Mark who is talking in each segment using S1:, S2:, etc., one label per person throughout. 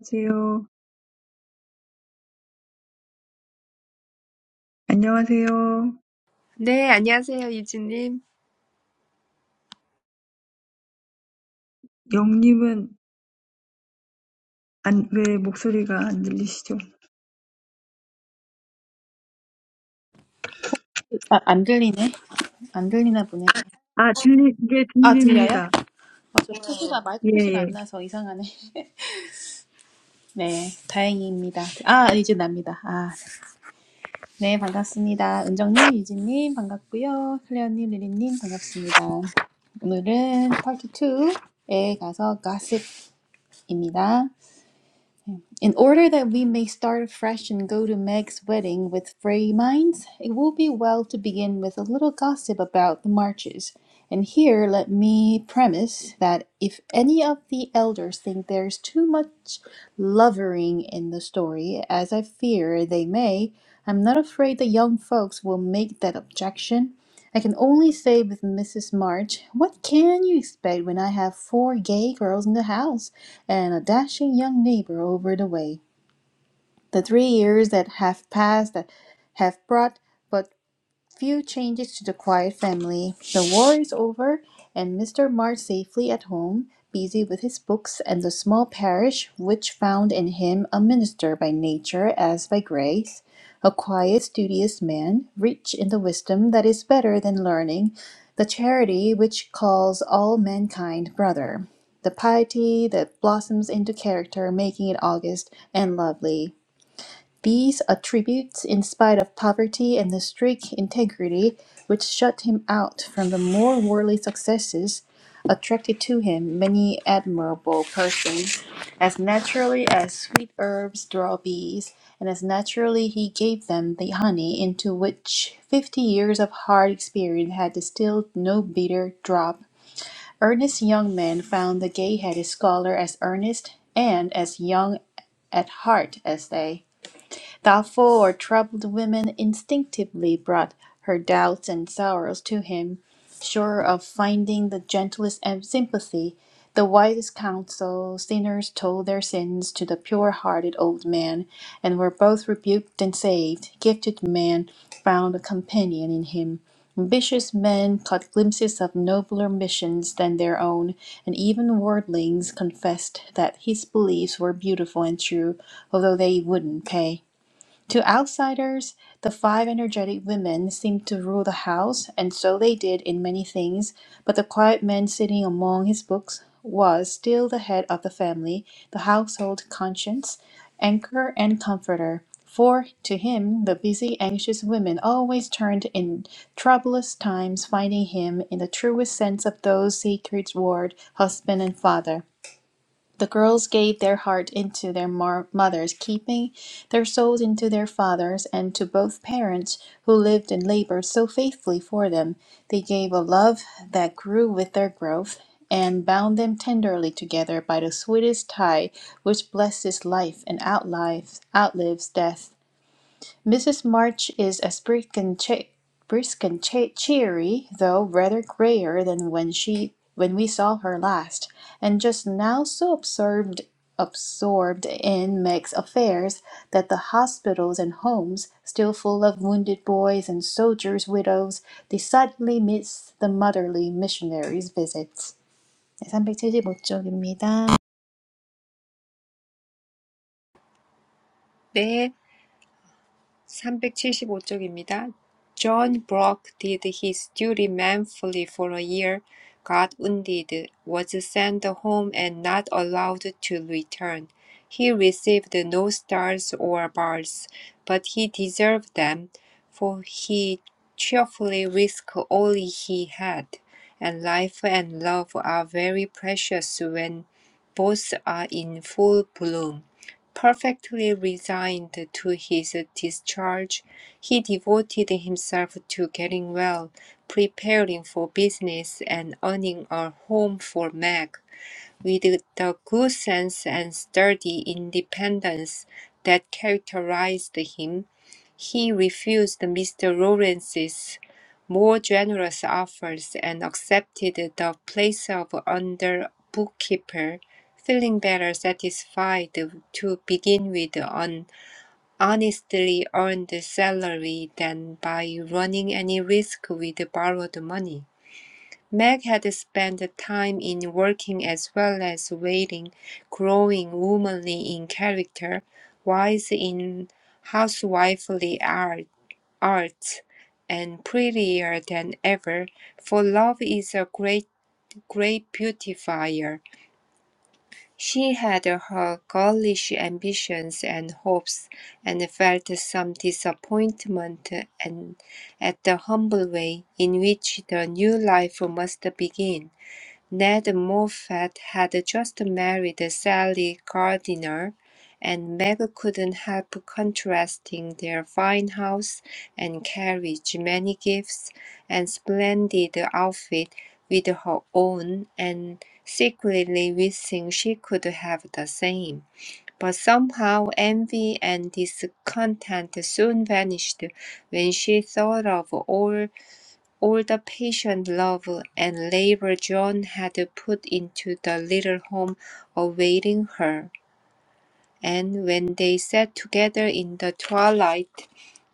S1: 안녕하세요. 안녕하세요.
S2: 네, 안녕하세요, 유진님.
S1: 영님은 안, 왜 목소리가 안 들리시죠?
S3: 아, 안 들리네. 안 들리나 보네.
S1: 아, 들리, 이게
S3: 아, 들려요?
S1: 들립니다.
S3: 아, 저 표시가, 마이크
S1: 예,
S3: 표시가 안
S1: 예.
S3: 나서 이상하네. 네, 다행입니다. 아, 이제 납니다. 아, 네, 반갑습니다. 은정님, 유진님, 반갑고요. 클레어님, 리리님, 반갑습니다. 오늘은 파트 2에 가서 가십입니다. In order that we may start afresh and go to Meg's wedding with free minds, it will be well to begin with a little gossip about the marches. And here let me premise that if any of the elders think there's too much lovering in the story, as I fear they may, I'm not afraid the young folks will make that objection. I can only say with Mrs. March, what can you expect when I have four gay girls in the house? and a dashing young neighbor over the way. The three years that have passed have brought but Few changes to the quiet family. The war is over, and Mr. March safely at home, busy with his books and the small parish which found in him a minister by nature as by grace, a quiet, studious man, rich in the wisdom that is better than learning, the charity which calls all mankind brother, the piety that blossoms into character, making it august and lovely. These attributes, in spite of poverty and the strict integrity which shut him out from the more worldly successes, attracted to him many admirable persons. As naturally as sweet herbs draw bees, and as naturally he gave them the honey into which fifty years of hard experience had distilled no bitter drop. Earnest young men found the gay headed scholar as earnest and as young at heart as they. Thoughtful or troubled women instinctively brought her doubts and sorrows to him, sure of finding the gentlest em- sympathy, the wisest counsel. Sinners told their sins to the pure hearted old man, and were both rebuked and saved. Gifted men found a companion in him. Ambitious men caught glimpses of nobler missions than their own, and even worldlings confessed that his beliefs were beautiful and true, although they wouldn't pay. To outsiders, the five energetic women seemed to rule the house, and so they did in many things, but the quiet man sitting among his books was still the head of the family, the household conscience, anchor and comforter. For to him, the busy, anxious women always turned in troublous times, finding him in the truest sense of those sacred word, husband and father. The girls gave their heart into their mar- mother's keeping, their souls into their father's, and to both parents who lived and labored so faithfully for them. They gave a love that grew with their growth and bound them tenderly together by the sweetest tie which blesses life and outlives, outlives death. Mrs. March is as brisk and, che- brisk and che- cheery, though rather grayer than when she when we saw her last, and just now so absorbed absorbed in Meg's affairs that the hospitals and homes, still full of wounded boys and soldiers' widows, decidedly miss the motherly missionary's visits. 네, 375쪽입니다.
S2: 네, 375쪽입니다. John Brock did his duty manfully for a year, got wounded, was sent home and not allowed to return. He received no stars or bars, but he deserved them, for he cheerfully risked all he had, and life and love are very precious when both are in full bloom. Perfectly resigned to his discharge, he devoted himself to getting well, preparing for business, and earning a home for Meg, with the good sense and sturdy independence that characterized him. He refused Mr. Lawrence's more generous offers and accepted the place of under bookkeeper, feeling better satisfied to begin with an honestly earned salary than by running any risk with borrowed money. Meg had spent time in working as well as waiting, growing womanly in character, wise in housewifely art, arts, and prettier than ever, for love is a great, great beautifier. She had her girlish ambitions and hopes, and felt some disappointment and at the humble way in which the new life must begin. Ned Moffat had just married Sally Gardiner, and Meg couldn't help contrasting their fine house and carriage, many gifts, and splendid outfit with her own, and secretly wishing she could have the same. But somehow envy and discontent soon vanished when she thought of all all the patient love and labor John had put into the little home awaiting her. And when they sat together in the twilight,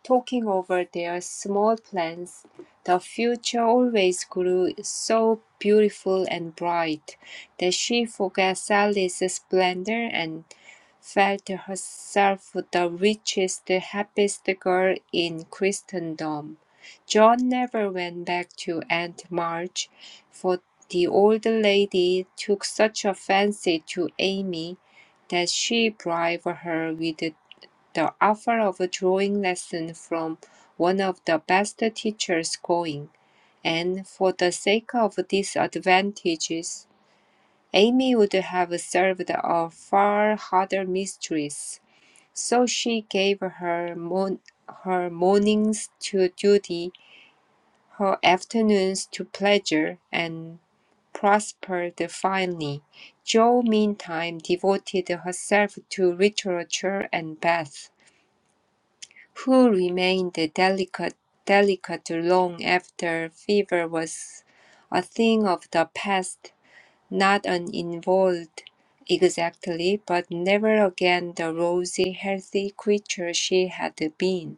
S2: talking over their small plans, the future always grew so beautiful and bright that she forgot Sally's splendor and felt herself the richest, happiest girl in Christendom. John never went back to Aunt March, for the old lady took such a fancy to Amy that she bribed her with the offer of a drawing lesson from one of the best teachers going. And for the sake of these advantages, Amy would have served a far harder mistress. So she gave her, mon- her mornings to duty, her afternoons to pleasure, and prospered finely. Jo meantime devoted herself to literature and Beth, who remained delicate, delicate long after fever was a thing of the past, not uninvolved exactly, but never again the rosy, healthy creature she had been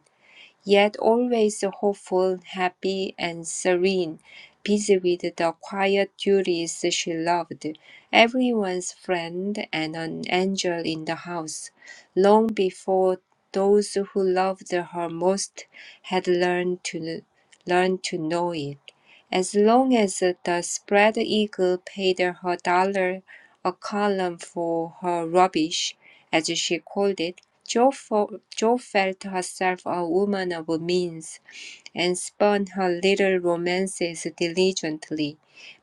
S2: yet always hopeful, happy, and serene, busy with the quiet duties she loved, everyone's friend and an angel in the house, long before those who loved her most had learned to learned to know it. As long as the spread eagle paid her dollar a column for her rubbish, as she called it, Jo, fo- jo felt herself a woman of means, and spun her little romances diligently,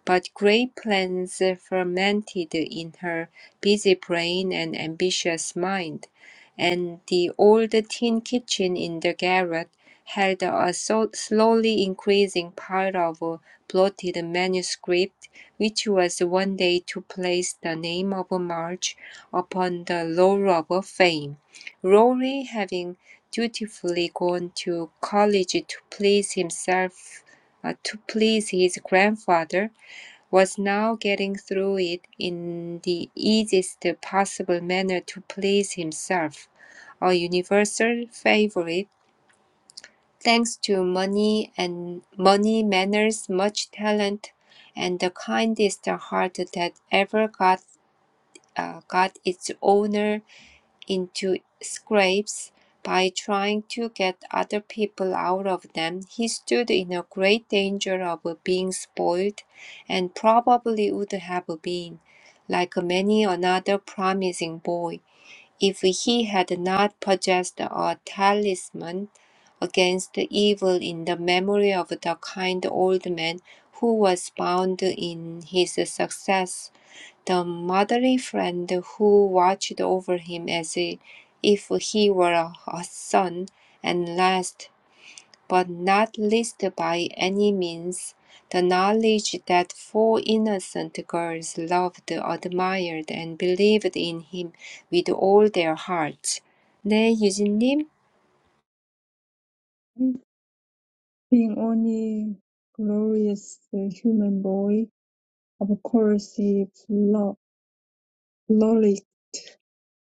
S2: but great plans fermented in her busy brain and ambitious mind, and the old tin kitchen in the garret held a so- slowly increasing pile of blotted manuscript, which was one day to place the name of March upon the roll of fame. Rory, having dutifully gone to college to please himself, uh, to please his grandfather, was now getting through it in the easiest possible manner to please himself, a universal favorite, thanks to money and money, manners, much talent, and the kindest heart that ever got uh, got its owner into scrapes by trying to get other people out of them, he stood in a great danger of being spoiled, and probably would have been, like many another promising boy, if he had not possessed a talisman against evil in the memory of the kind old man who was bound in his success the motherly friend who watched over him as if he were a a son, and last but not least by any means, the knowledge that four innocent girls loved, admired, and believed in him with all their hearts. 네, 유진님.
S1: Being only glorious human boy, of course he flo- frolicked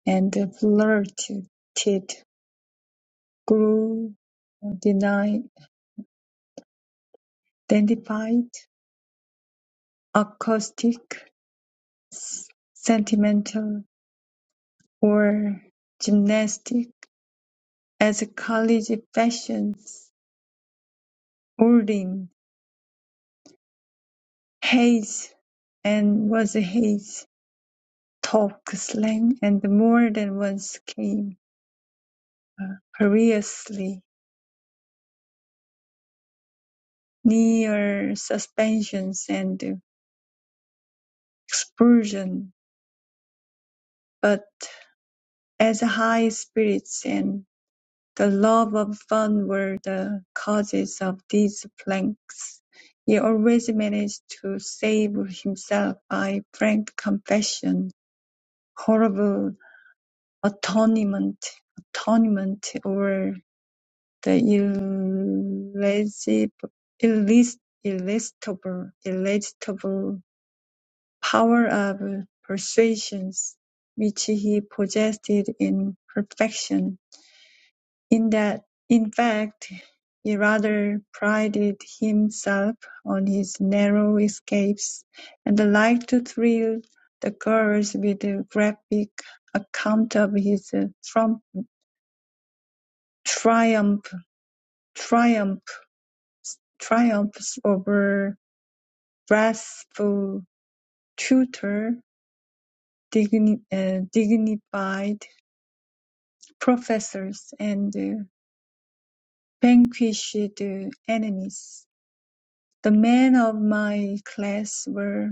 S1: and flirted, grew, uh, denied, identified, acoustic, s- sentimental, or gymnastic as college fashions Orrin, Hayes, and was Hayes, talk slang, and more than once came perilously near suspensions and expulsion, but as high spirits and the love of fun were the causes of these pranks, he always managed to save himself by frank confession, horrible atonement, atonement, or The irresistible irres- irresistible- irresistible power of persuasion which he possessed in perfection, in that, in fact, he rather prided himself on his narrow escapes, and liked to thrill the girls with a graphic account of his trump- triumph triumph triumphs over wrathful tutor, digni- uh, dignified professors, and uh, vanquished uh, enemies. The men of my class were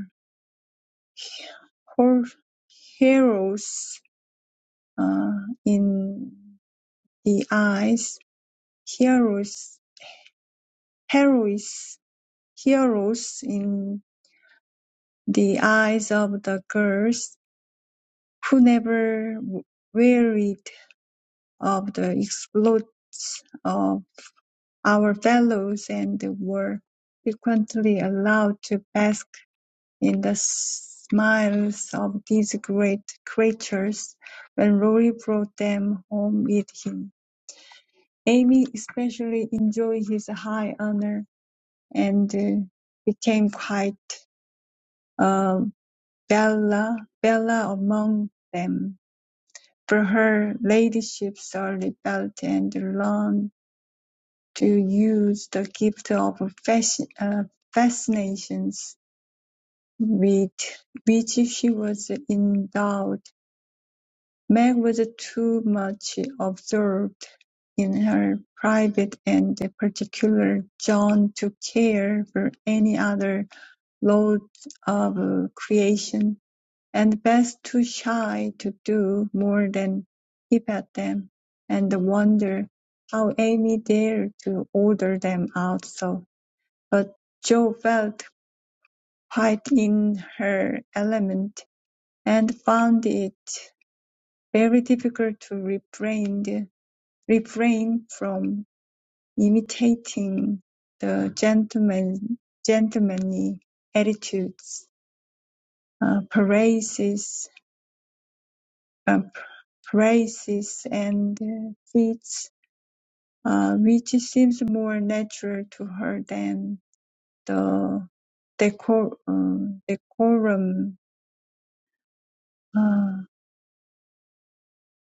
S1: hor- heroes uh, in the eyes, heroes, heroes, heroes in the eyes of the girls who never w- wearied of the exploits of Our fellows and were frequently allowed to bask in the smiles of these great creatures when Rory brought them home with him. Amy especially enjoyed his high honor and uh, became quite uh, bella, bella among them. For her ladyship's early belt and lawn to use the gift of fasc- uh, fascinations with which she was endowed. Meg was too much absorbed in her private and particular John to care for any other loads of creation, and Beth too shy to do more than peep at them and wonder how Amy dared to order them out so. But Jo felt quite in her element, and found it very difficult to refrain refrain from imitating the gentleman- gentlemanly attitudes, uh, praises, uh, praises and uh, feats, uh, which seems more natural to her than the decor- uh, decorum uh,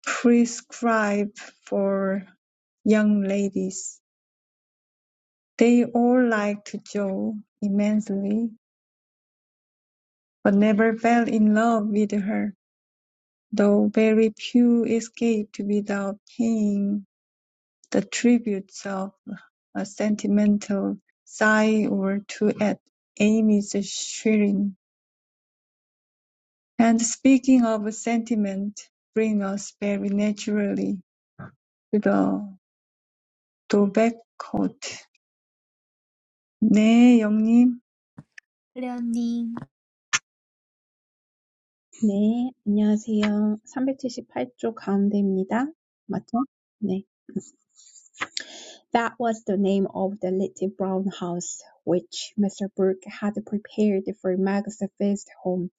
S1: prescribe for young ladies. They all liked Jo immensely, but never fell in love with her, though very few escaped without paying the tributes of a sentimental sigh or two at Amy's shrine. And speaking of sentiment, bring us very naturally to the Dovecote. 네, 영님.
S3: 클레어님.
S4: 네, 안녕하세요. 378쪽 가운데입니다. 맞죠? 네. That was the name of the little brown house which Mr. Brooke had prepared for Meg's first home.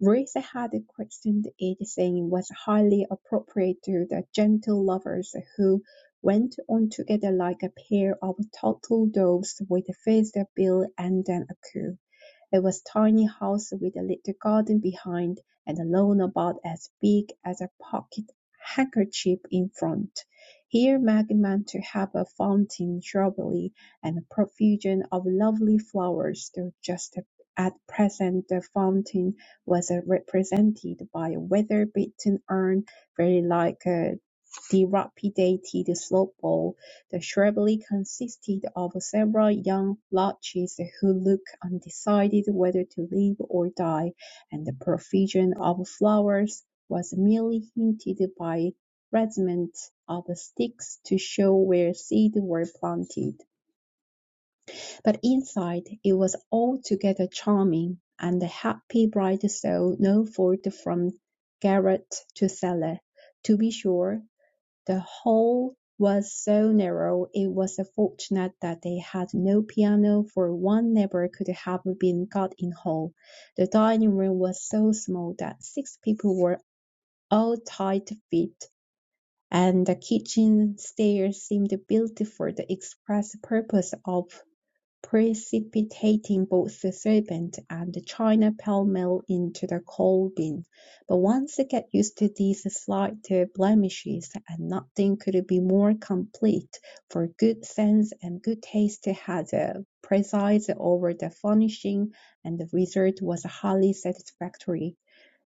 S4: Ruth had christened it, saying it was highly appropriate to the gentle lovers who went on together like a pair of turtle doves with first a bill and then a coo. It was a tiny house with a little garden behind and a lawn about as big as a pocket handkerchief in front. Here Maggie meant to have a fountain, shrubbery, and a profusion of lovely flowers, though just at present the fountain was uh, represented by a weather-beaten urn, very like a dilapidated slop bowl the shrubbery consisted of several young larches who looked undecided whether to live or die, and the profusion of flowers was merely hinted by fragments of sticks to show where seeds were planted. But inside it was altogether charming, and the happy bride saw no fault from garret to cellar. To be sure, the hall was so narrow it was fortunate that they had no piano for one never could have been got in hall. The dining room was so small that six people were all tight fit, and the kitchen stairs seemed built for the express purpose of precipitating both the "Serpent" and the "China" pell-mell into the coal-bin. But once they get used to these slight uh, blemishes, and nothing could be more complete, for good sense and good taste had uh, presided over the furnishing, and the result was highly satisfactory.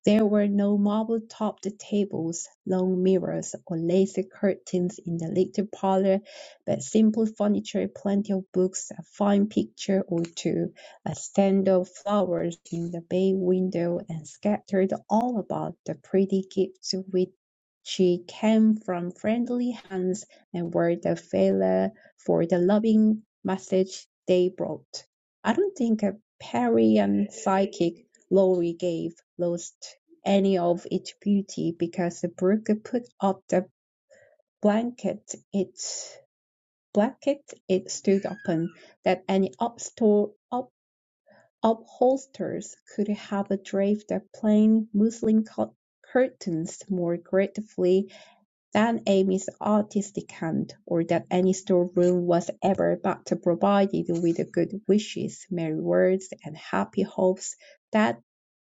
S4: There were no marble-topped tables, long mirrors, or lacy curtains in the little parlour, but simple furniture, plenty of books, a fine picture or two, a stand of flowers in the bay window, and scattered all about the pretty gifts which she came from friendly hands and were the faller for the loving message they brought. I don't think a Parian psychic Lorry gave lost any of its beauty because the brook put up the blanket it blanket it stood upon, that any upstor- up- upholsters could have draped the plain muslin curtains more gratefully than Amy's artistic hand, or that any storeroom was ever but provided with good wishes, merry words, and happy hopes, that,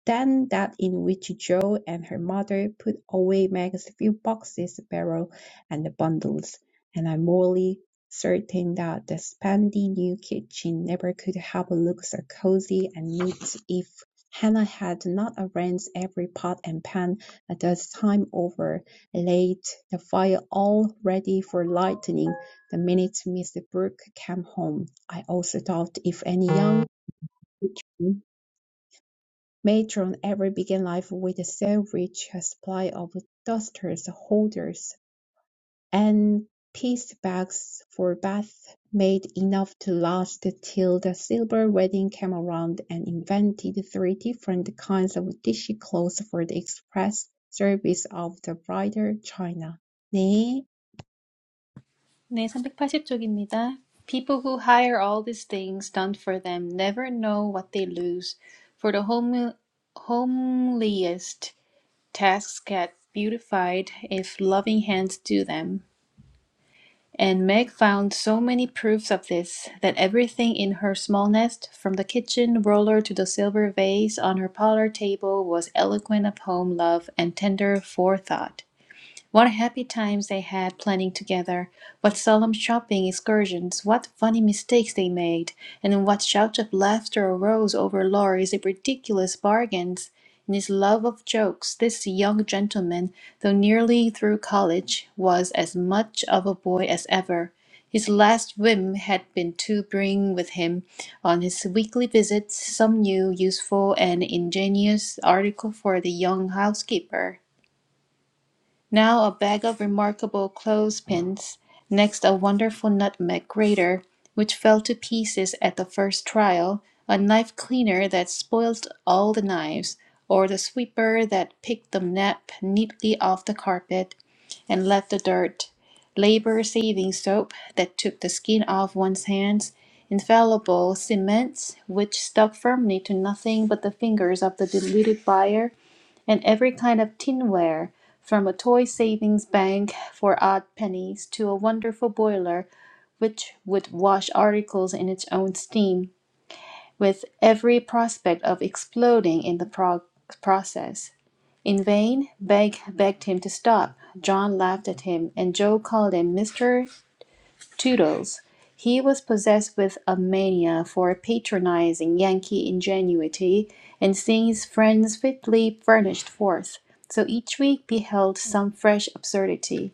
S4: than that in which Jo and her mother put away Meg's few boxes, barrel, and bundles, and I'm morally certain that the spandy new kitchen never could have looked so cosy and neat if Hannah had not arranged every pot and pan a dozen times over laid the fire all ready for lightening. The minute Mr. Brooke came home, I also thought if any young matron ever began life with so rich a supply of dusters, holders, and piece bags for bath made enough to last till the silver wedding came around and invented three different kinds of dishy clothes for the express service of the bridal china. 네,
S3: 네, 380쪽입니다. People who hire all these things done for them never know what they lose, for the home, homeliest tasks get beautified if loving hands do them. And Meg found so many proofs of this that everything in her small nest, from the kitchen roller to the silver vase on her parlor table, was eloquent of home love and tender forethought. What happy times they had planning together, what solemn shopping excursions, what funny mistakes they made, and what shouts of laughter arose over Laurie's ridiculous bargains. In his love of jokes, this young gentleman, though nearly through college, was as much of a boy as ever. His last whim had been to bring with him on his weekly visits some new, useful, and ingenious article for the young housekeeper now a bag of remarkable clothespins, next a wonderful nutmeg grater, which fell to pieces at the first trial, a knife cleaner that spoilt all the knives, or the sweeper that picked the nap neatly off the carpet and left the dirt, labor saving soap that took the skin off one's hands, infallible cements which stuck firmly to nothing but the fingers of the deluded buyer and every kind of tinware, from a toy savings bank for odd pennies to a wonderful boiler which would wash articles in its own steam, with every prospect of exploding in the prog- process. In vain, Begg begged him to stop. John laughed at him, and Joe called him Mr. Toodles. He was possessed with a mania for patronizing Yankee ingenuity and seeing his friends fitly furnished forth, so each week beheld some fresh absurdity.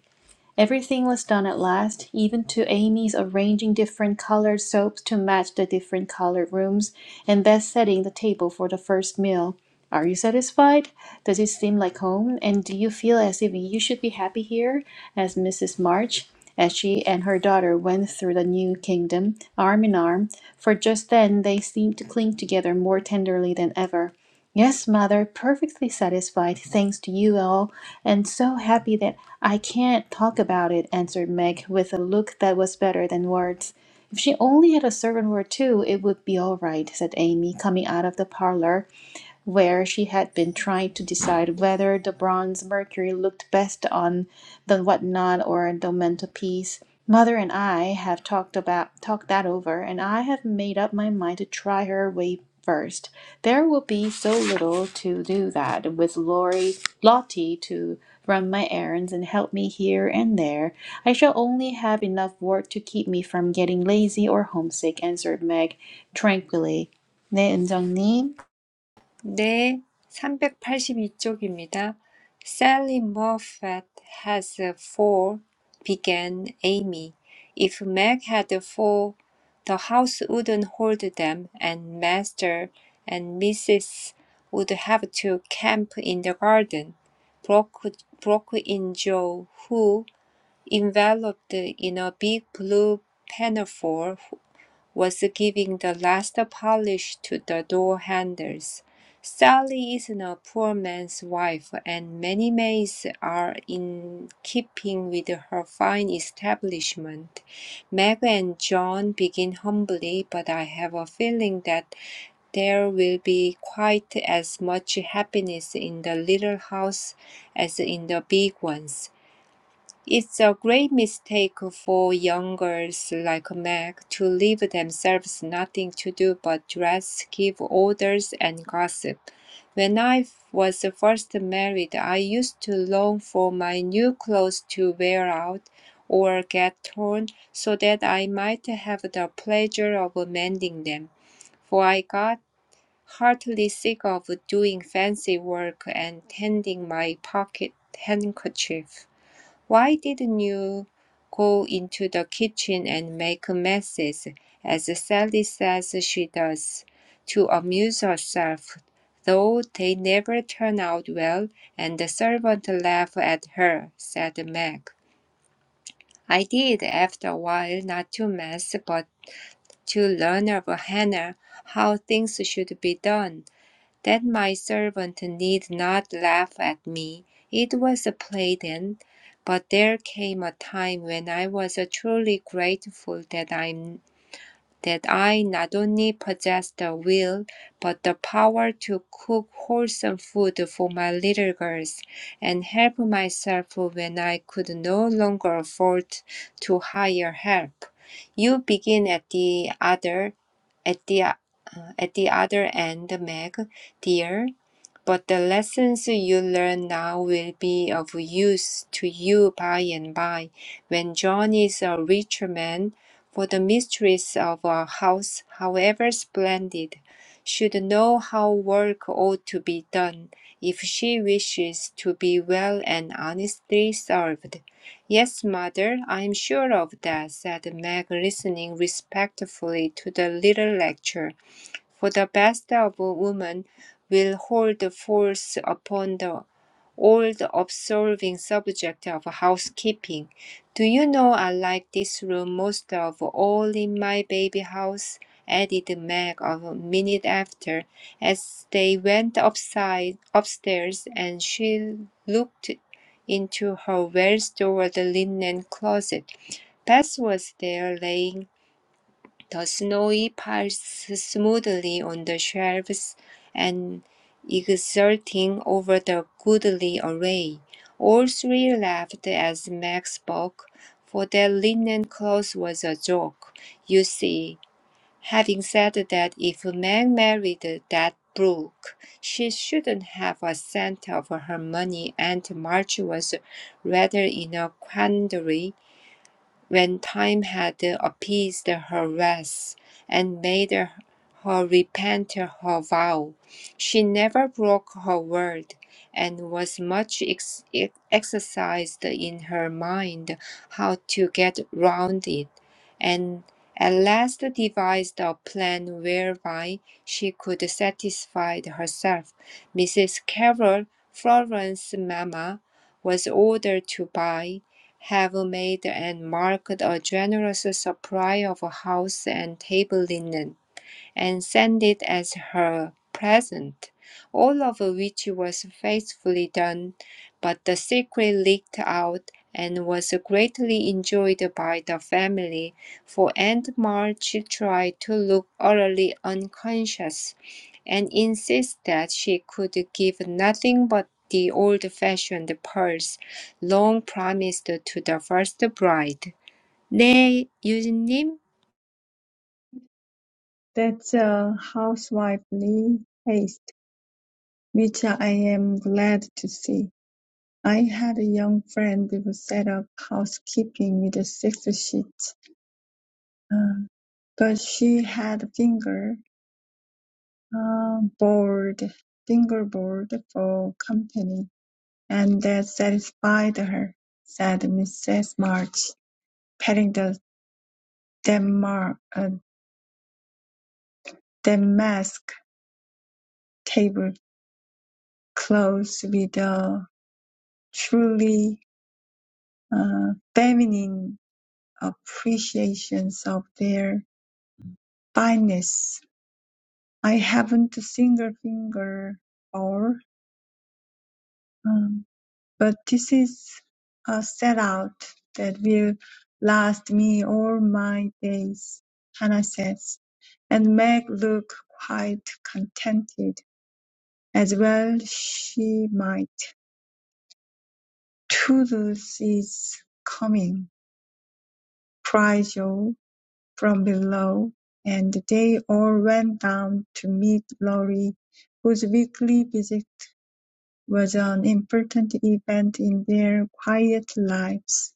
S3: Everything was done at last, even to Amy's arranging different colored soaps to match the different colored rooms, and Beth setting the table for the first meal. Are you satisfied? Does it seem like home? And do you feel as if you should be happy here? asked Mrs. March as she and her daughter went through the new kingdom, arm in arm, for just then they seemed to cling together more tenderly than ever. Yes, mother, perfectly satisfied, thanks to you all. And so happy that I can't talk about it, answered Meg with a look that was better than words. If she only had a servant word too, it would be all right, said Amy, coming out of the parlor where she had been trying to decide whether the bronze Mercury looked best on the whatnot or the mantelpiece. Mother and I have talked about talked that over, and I have made up my mind to try her way first. There will be so little to do that with Lori Lottie to run my errands and help me here and there. I shall only have enough work to keep me from getting lazy or homesick, answered Meg tranquilly. 네, 은정님.
S2: 네, 삼백팔십이 쪽입니다. Sally Moffat has four, began Amy. If Meg had four, the house wouldn't hold them, and Master and Mrs. would have to camp in the garden. Broke, broke in Joe, who, enveloped in a big blue pinafore, was giving the last polish to the door handles. Sally isn't a poor man's wife, and many maids are in keeping with her fine establishment. Meg and John begin humbly, but I have a feeling that there will be quite as much happiness in the little house as in the big ones. It's a great mistake for young girls like Meg to leave themselves nothing to do but dress, give orders, and gossip. When I was first married, I used to long for my new clothes to wear out or get torn so that I might have the pleasure of mending them, for I got heartily sick of doing fancy work and tending my pocket handkerchief. Why didn't you go into the kitchen and make messes, as Sally says she does, to amuse herself, though they never turn out well, and the servant laugh at her, said Meg. I did after a while, not to mess, but to learn of Hannah how things should be done that my servant need not laugh at me. It was a play then, but there came a time when I was truly grateful that I'm that I not only possessed the will, but the power to cook wholesome food for my little girls, and help myself when I could no longer afford to hire help. You begin at the other at the uh, at the other end, Meg, dear but the lessons you learn now will be of use to you by and by, when John is a richer man, for the mistress of a house, however splendid, should know how work ought to be done, if she wishes to be well and honestly served. Yes, mother, I am sure of that, said Meg, listening respectfully to the little lecture. For the best of woman, will hold forth upon the all-absorbing subject of housekeeping. Do you know I like this room most of all in my baby house? added Meg a minute after, as they went upside, upstairs and she looked into her well-stored linen closet. Bess was there laying the snowy piles smoothly on the shelves and exulting over the goodly array. All three laughed as Max spoke, for that linen cloth was a joke. You see, having said that if Meg married that Brooke, she shouldn't have a cent of her money, and March was rather in a quandary when time had appeased her wrath and made her repent her vow, she never broke her word, and was much ex- exercised in her mind how to get round it, and at last devised a plan whereby she could satisfy herself. Mrs. Carroll, Florence's mamma, was ordered to buy have made and marked a generous supply of house and table linen and sent it as her present, all of which was faithfully done, but the secret leaked out and was greatly enjoyed by the family, for Aunt March tried to look utterly unconscious and insist that she could give nothing but the old-fashioned pearls long promised to the first bride. 네, 유진님.
S1: That's a housewifely haste, which I am glad to see. I had a young friend who set up housekeeping with six sheets, uh, but she had a finger uh, board, fingerboard for company, and that satisfied her," said Mrs. March, patting the Denmark, uh, damask table close with a truly uh, feminine appreciations of their fineness. I haven't a single finger or, um, but this is a set out that will last me all my days, Hannah says, and Meg look quite contented as well she might. Toodles is coming, cries Joe from below, and they all went down to meet Laurie, whose weekly visit was an important event in their quiet lives.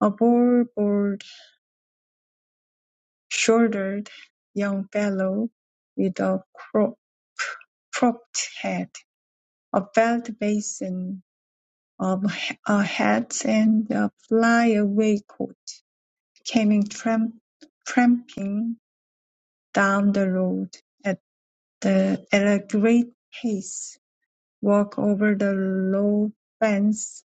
S1: A broad-shouldered young fellow with a cro- cropped head, a belt basin of a hat, and a flyaway coat came in tramp- tramping down the road. at. the, At a great pace, walk over the low fence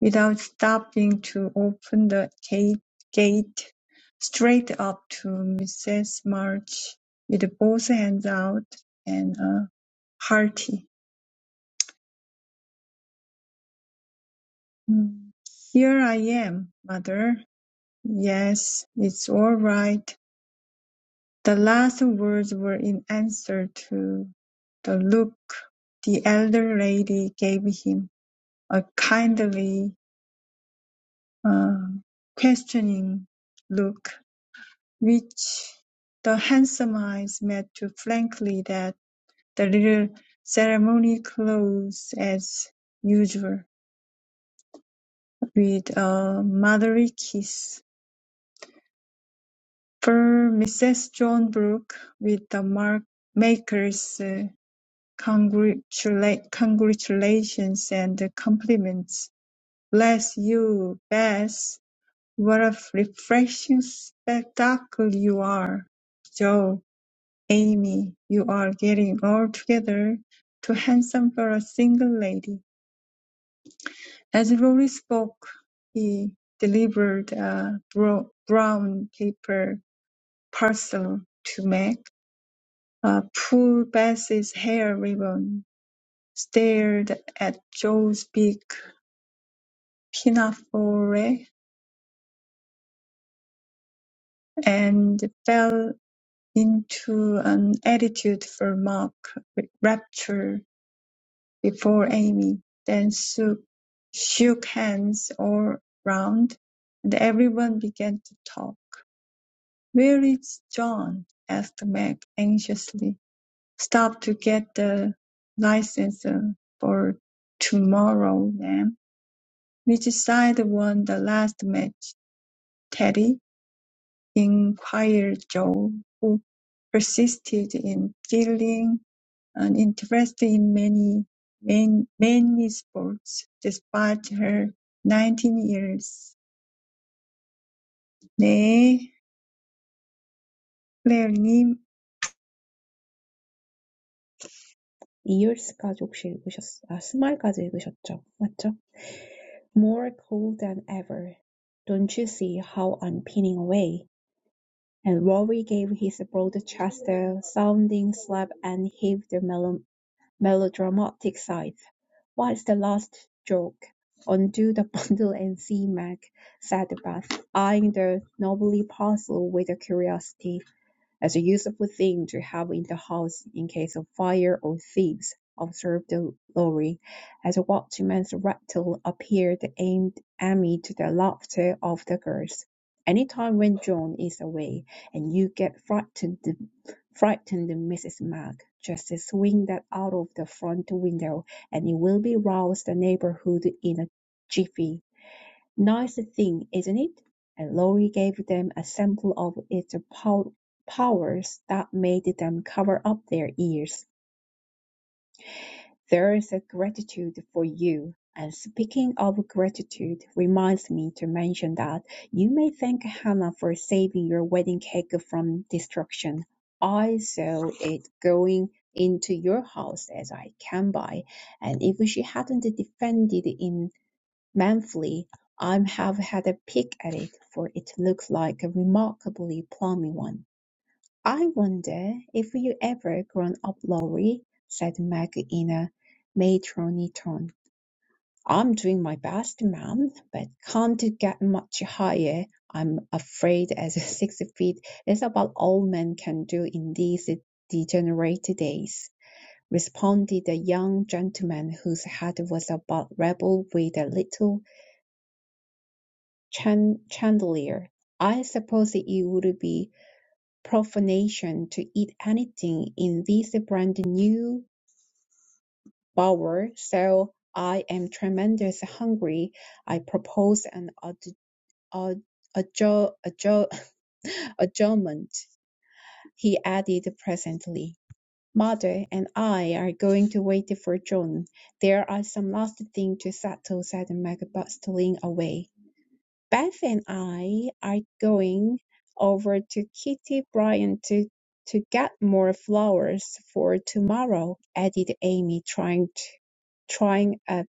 S1: without stopping to open the gate gate, straight up to Mrs. March with both hands out and a hearty "Mm, "Here I am, mother. Yes, it's all right." The last words were in answer to the look the elder lady gave him, a kindly um, questioning look which the handsome eyes met too frankly that the little ceremony closed as usual with a motherly kiss. For Mrs. John Brooke, with the mark maker's uh, congratula- congratulations and compliments. Bless you, Bess What a refreshing spectacle you are, Joe, Amy, you are getting altogether too handsome for a single lady. As Rory spoke, he delivered a bro- brown paper parcel to Meg, uh, pulled Bess's hair ribbon, stared at Joe's big pinafore, and fell into an attitude for mock rapture before Amy, then shook, shook hands all round, and everyone began to talk. Where is John? asked Meg anxiously. Stop to get the license uh, for tomorrow, ma'am. Which side won the last match, Teddy? inquired Joe, who persisted in feeling and interested in many, many, many sports despite her 19 years. 네, 클레어님,
S4: 이율스까지 혹시 읽으셨, 아, 스마일까지 읽으셨죠? 맞죠? More cool than ever. Don't you see how I'm pinning away? And Rory gave his broad chest a sounding slap and heaved a melo- melodramatic sigh. What's the last joke? Undo the bundle and see, Mac, said Beth, eyeing the novelty parcel with curiosity as a useful thing to have in the house in case of fire or thieves, observed Lorry, as a watchman's rattle appeared aimed amid the laughter of the girls. Any time when John is away and you get frightened, frightened Mrs. Mac, just swing that out of the front window and it will be roused the neighborhood in a jiffy. Nice thing, isn't it? And Laurie gave them a sample of its pow- powers that made them cover up their ears. There's a gratitude for you. And speaking of gratitude, reminds me to mention that you may thank Hannah for saving your wedding cake from destruction. I saw it going into your house as I came by, and if she hadn't defended in. Manfully, I have had a peek at it, for it looks like a remarkably plummy one. "I wonder if you ever grown up, Laurie," said Meg in a matronly tone. "I'm doing my best, ma'am, but can't get much higher, I'm afraid, as six feet is about all men can do in these degenerate days," responded the young gentleman whose head was about level with the little chan- Chandelier. I suppose it would be profanation to eat anything in this brand new bower, so I am tremendously hungry. I propose an adj- adj- adjo- adjo- adjournment, he added presently. Mother and I are going to wait for John. There are some last things to settle, said Meg, bustling away. Beth and I are going over to Kitty Bryant to, to get more flowers for tomorrow, added Amy, trying to, trying a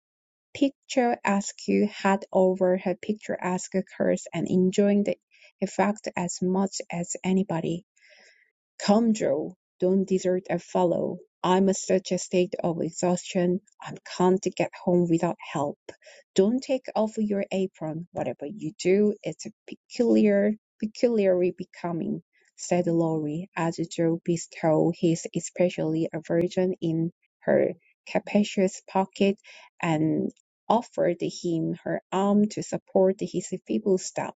S4: picturesque hat over her picturesque curls and enjoying the effect as much as anybody. Come, Joe, don't desert and follow. I'm in such a state of exhaustion, I can't get home without help. Don't take off your apron. Whatever you do, it's peculiar, peculiarly becoming, said Laurie, as Joe bestowed his especially aversion in her capacious pocket and offered him her arm to support his feeble step.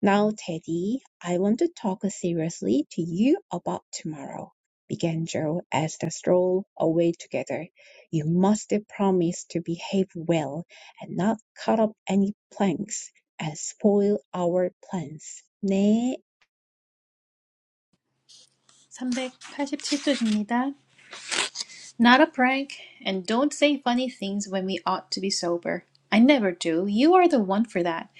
S4: "Now, Teddy, I want to talk seriously to you about tomorrow," began Joe, as they strolled away together. "You must promise to behave well, and not cut up any planks, and spoil our plans." 네,
S3: 387쪽입니다. Not a prank, and don't say funny things when we ought to be sober. I never do. You are the one for that.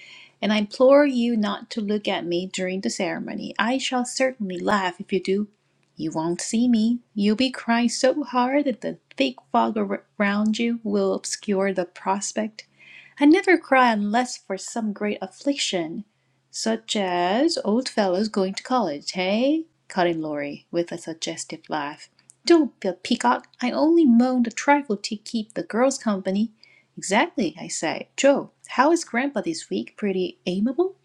S3: And I implore you not to look at me during the ceremony. I shall certainly laugh if you do. You won't see me. You'll be crying so hard that the thick fog ar- around you will obscure the prospect. I never cry unless for some great affliction, such as old fellows going to college, hey?" cut in Laurie, with a suggestive laugh. "Don't be a peacock. I only moaned a trifle to keep the girls company." "Exactly," I said. "Joe, how is Grandpa this week? Pretty amiable?"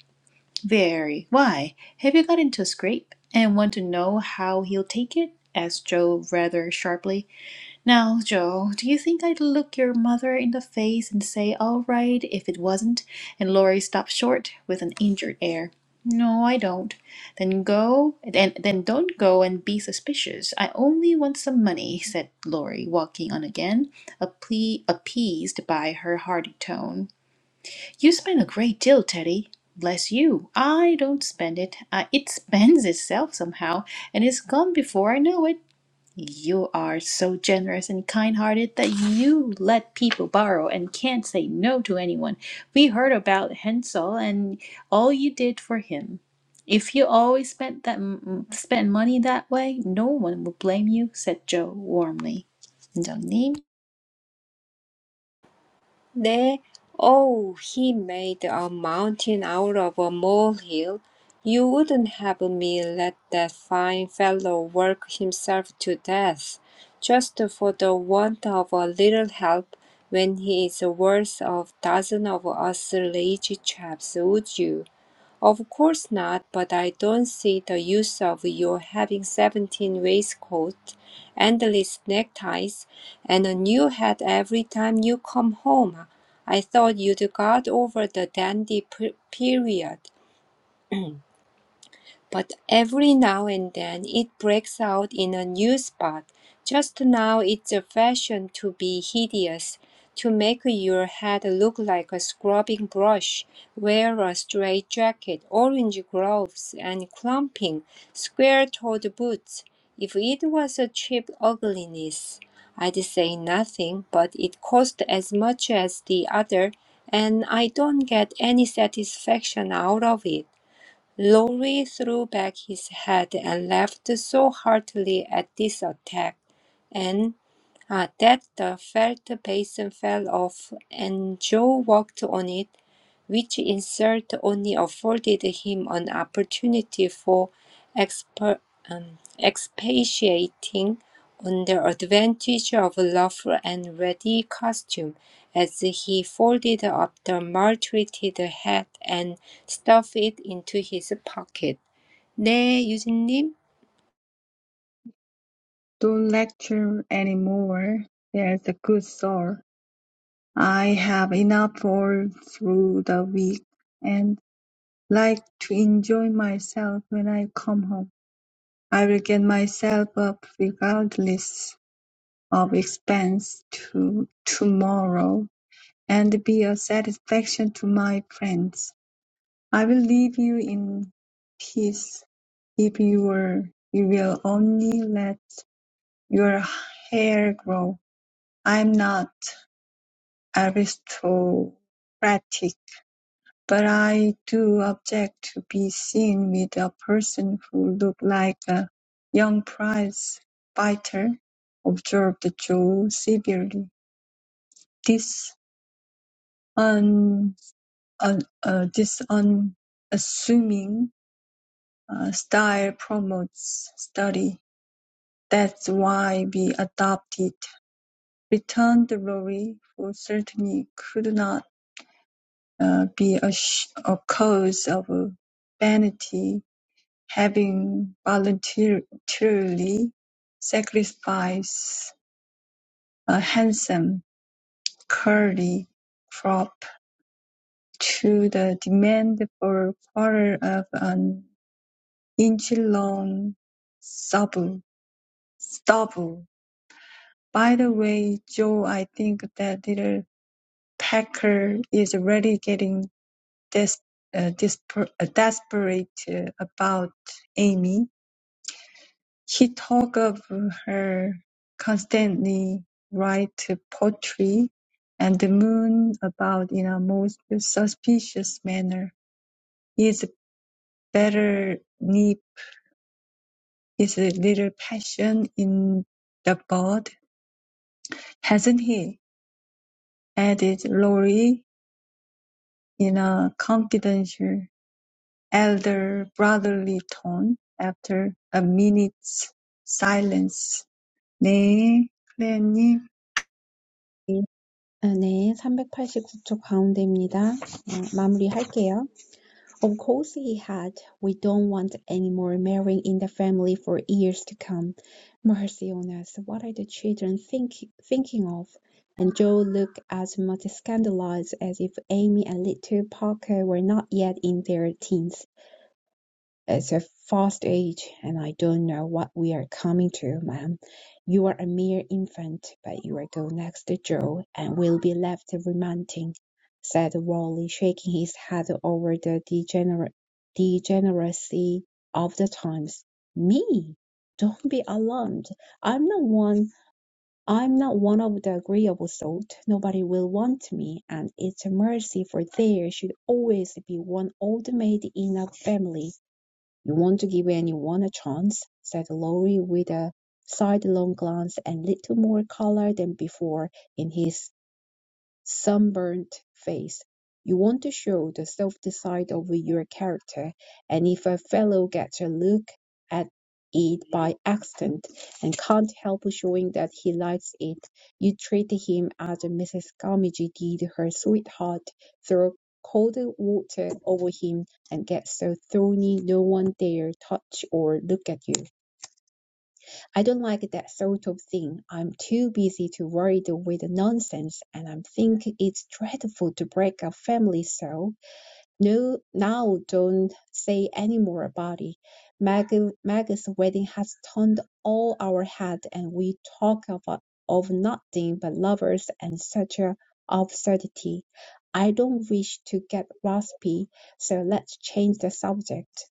S3: "Very. Why, have you got into a scrape, and want to know how he'll take it?" asked Joe rather sharply. Now, Joe, do you think I'd look your mother in the face and say, all right, if it wasn't? And Laurie stopped short with an injured air. No, I don't. Then go, then, then don't go and be suspicious. I only want some money, said Laurie, walking on again, appe- appeased by her hearty tone. You spend a great deal, Teddy. Bless you. I don't spend it. Uh, it spends itself somehow, and it's gone before I know it. You are so generous and kind hearted that you let people borrow and can't say no to anyone. We heard about Hensel and all you did for him. If you always spent that m- spent money that way, no one would blame you, said Joe warmly. 팀장님,
S2: There, oh, he made a mountain out of a molehill. You wouldn't have me let that fine fellow work himself to death, just for the want of a little help, when he is worth a dozen of us lazy chaps, would you? Of course not, but I don't see the use of your having 17 waistcoats, endless neckties, and a new hat every time you come home. I thought you'd got over the dandy period but every now and then it breaks out in a new spot. Just now it's a fashion to be hideous, to make your head look like a scrubbing brush, wear a straight jacket, orange gloves, and clumping, square-toed boots. If it was a cheap ugliness, I'd say nothing, but it cost as much as the other, and I don't get any satisfaction out of it. Lowry threw back his head and laughed so heartily at this attack, and uh, that the felt basin fell off, and Joe walked on it, which insult only afforded him an opportunity for expa- um, expatiating on the advantage of rough and ready costume as he folded up the maltreated hat and stuffed it into his pocket. 네, 유진님.
S1: don't lecture anymore. There's a good soul. I have enough all through the week and like to enjoy myself when I come home. I will get myself up regardless of expense to tomorrow and be a satisfaction to my friends. I will leave you in peace if you will you will only let your hair grow. I'm not aristocratic, but I do object to be seen with a person who looked like a young prize fighter, observed Joe severely. This un, un, uh, this unassuming uh, style promotes study "That's why we adopt it," returned Rory, who certainly could not uh, be a sh- a cause of vanity, having voluntarily sacrificed a handsome, curly crop to the demand for a quarter of an inch long stubble. stubble. By the way, Joe, I think that little Packer is really getting des- uh, desper- uh, desperate uh, about Amy. He talks of her constantly write poetry and the moon about in a most suspicious manner. His better need is a little passion in the bud, hasn't he? added Laurie in a confidential. Elder brotherly tone, after a minute's silence. 네, 클레어님.
S4: 아, 네, 389쪽 가운데입니다. 어, 마무리할게요. Of course he had. We don't want any more marrying in the family for years to come. Mercy on us, what are the children think, thinking of? And Joe looked as much scandalized as if Amy and little Parker were not yet in their teens. It's a fast age, and I don't know what we are coming to, ma'am. You are a mere infant, but you are go next to Joe, and will be left remanting, said Raleigh, shaking his head over the degener- degeneracy of the times. Me? Don't be alarmed. I'm not one. I'm not one of the agreeable sort. Nobody will want me, and it's a mercy, for there should always be one old maid in a family. You want to give anyone a chance, said Lorry with a sidelong glance and little more color than before in his sunburnt face. You want to show the softer side of your character, and if a fellow gets a look at it by accident and can't help showing that he likes it, you treat him as Mrs. Gummidge did her sweetheart, throw cold water over him and get so thorny no one dare touch or look at you. I don't like that sort of thing. I'm too busy to worry with the nonsense, and I think it's dreadful to break up family so. No, now don't say any more about it. Mag, Mag's wedding has turned all our head, and we talk of, of nothing but lovers and such a absurdity. I don't wish to get raspy, so let's change the subject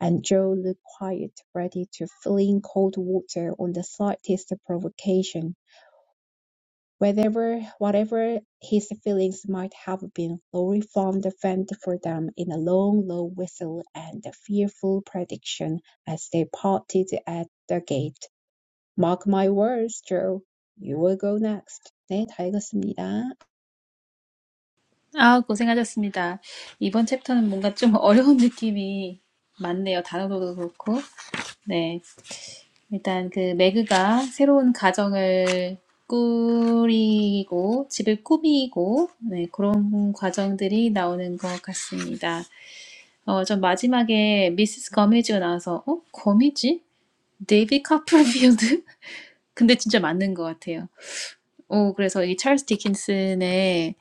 S4: and Joe looked quiet, ready to fling cold water on the slightest provocation. Whatever, whatever his feelings might have been, Lorry found a vent for them in a long, low whistle and a fearful prediction as they parted at the gate. Mark my words, Joe. You will go next. 네, 다 읽었습니다.
S3: 아, 고생하셨습니다. 이번 챕터는 뭔가 좀 어려운 느낌이 많네요. 단어도 그렇고. 네. 일단 그 매그가 새로운 가정을 꾸리고 집을 꾸미고 네, 그런 과정들이 나오는 것 같습니다. 어, 전 마지막에 미스스 거미지가 나와서 어? 거미지? 데이비 카프필드? 근데 진짜 맞는 것 같아요. 오, 그래서 이 찰스 디킨슨의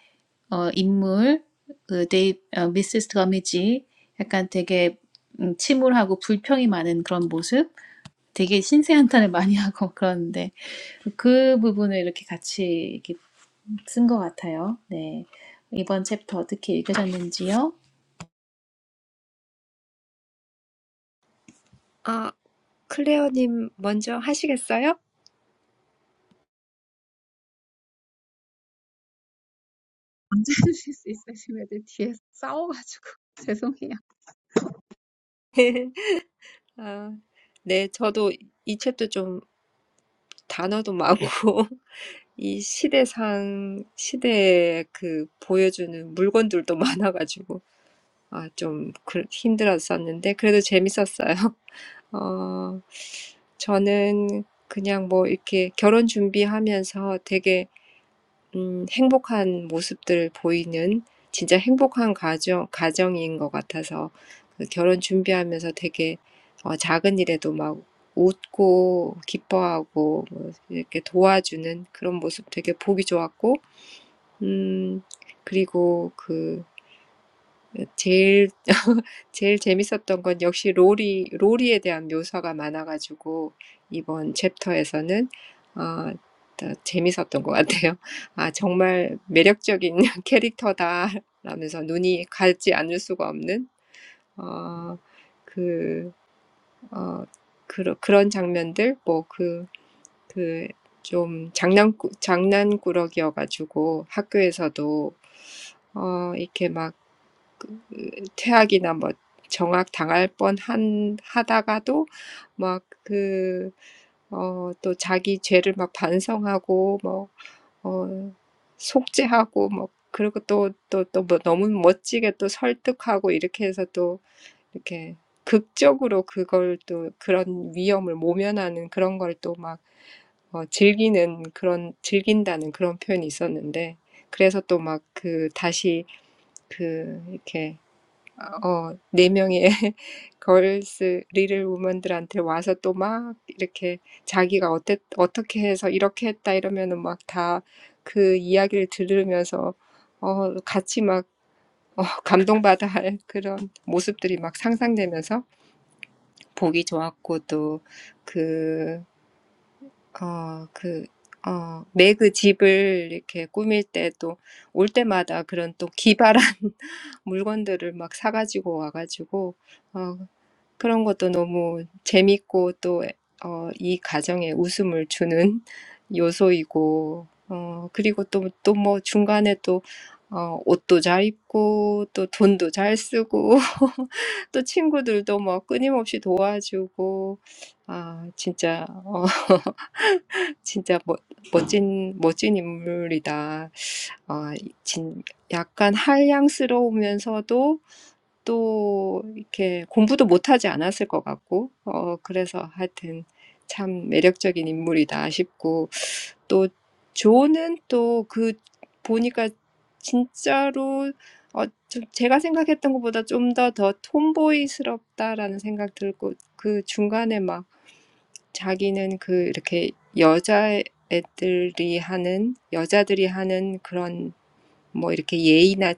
S3: 어, 인물 그 데이 어, 미스스 거미지 약간 되게 음, 침울하고 불평이 많은 그런 모습 되게 신세한탄을 많이 하고 그러는데 그 부분을 이렇게 같이 쓴 것 같아요. 네. 이번 챕터 어떻게 읽으셨는지요?
S2: 아, 클레어님 먼저 하시겠어요?
S4: 언제 하실 있으시면 뒤에 싸워가지고 죄송해요.
S2: 아, 네, 저도 이 챕터 좀 단어도 많고, 이 시대상, 시대에 그 보여주는 물건들도 많아가지고, 아, 좀 그, 힘들었었는데, 그래도 재밌었어요. 어, 저는 그냥 뭐 이렇게 결혼 준비하면서 되게 음, 행복한 모습들 보이는 진짜 행복한 가정, 가정인 것 같아서 그 결혼 준비하면서 되게 어, 작은 일에도 막 웃고 기뻐하고 뭐 이렇게 도와주는 그런 모습 되게 보기 좋았고, 음, 그리고 그 제일 제일 재밌었던 건 역시 로리 로리에 대한 묘사가 많아가지고 이번 챕터에서는 아, 더 재밌었던 것 같아요. 아 정말 매력적인 캐릭터다 라면서 눈이 가지 않을 수가 없는 어, 그, 어, 그 그런 장면들 뭐그그 뭐그그좀 장난꾸 장난꾸러기여가지고 학교에서도 어, 이렇게 막 퇴학이나 뭐 정학 당할 뻔한 하다가도 막그어또 자기 죄를 막 반성하고 뭐어 속죄하고 뭐 그리고 또또또뭐 너무 멋지게 또 설득하고 이렇게 해서 또 이렇게 극적으로 그걸 또 그런 위험을 모면하는 그런 걸또 막 어, 즐기는 그런 즐긴다는 그런 표현이 있었는데 그래서 또막그 다시 그 이렇게 어, 네 명의 걸스 리를 우먼들한테 와서 또막 이렇게 자기가 어때, 어떻게 해서 이렇게 했다 이러면은 막다그 이야기를 들으면서 어, 같이 막 어, 감동받아 할 그런 모습들이 막 상상되면서 보기 좋았고 또 그, 어, 그, 어, 매그 집을 이렇게 꾸밀 때또올 때마다 그런 또 기발한 물건들을 막 사가지고 와가지고 어, 그런 것도 너무 재밌고 또, 어, 이 가정에 웃음을 주는 요소이고, 어, 그리고 또, 또뭐 중간에 또, 어, 옷도 잘 입고, 또 돈도 잘 쓰고, 또 친구들도 뭐 끊임없이 도와주고, 아, 진짜, 어, 진짜 멋, 멋진, 멋진 인물이다. 아, 진, 약간 한량스러우면서도 또 이렇게 공부도 못하지 않았을 것 같고, 어, 그래서 하여튼 참 매력적인 인물이다 싶고, 또 조는 또그 보니까 진짜로 어, 좀 제가 생각했던 것보다 좀 더 더 톰보이스럽다라는 생각 들고, 그 중간에 막 자기는 그 이렇게 여자애들이 하는, 여자들이 하는 그런 뭐 이렇게 예의나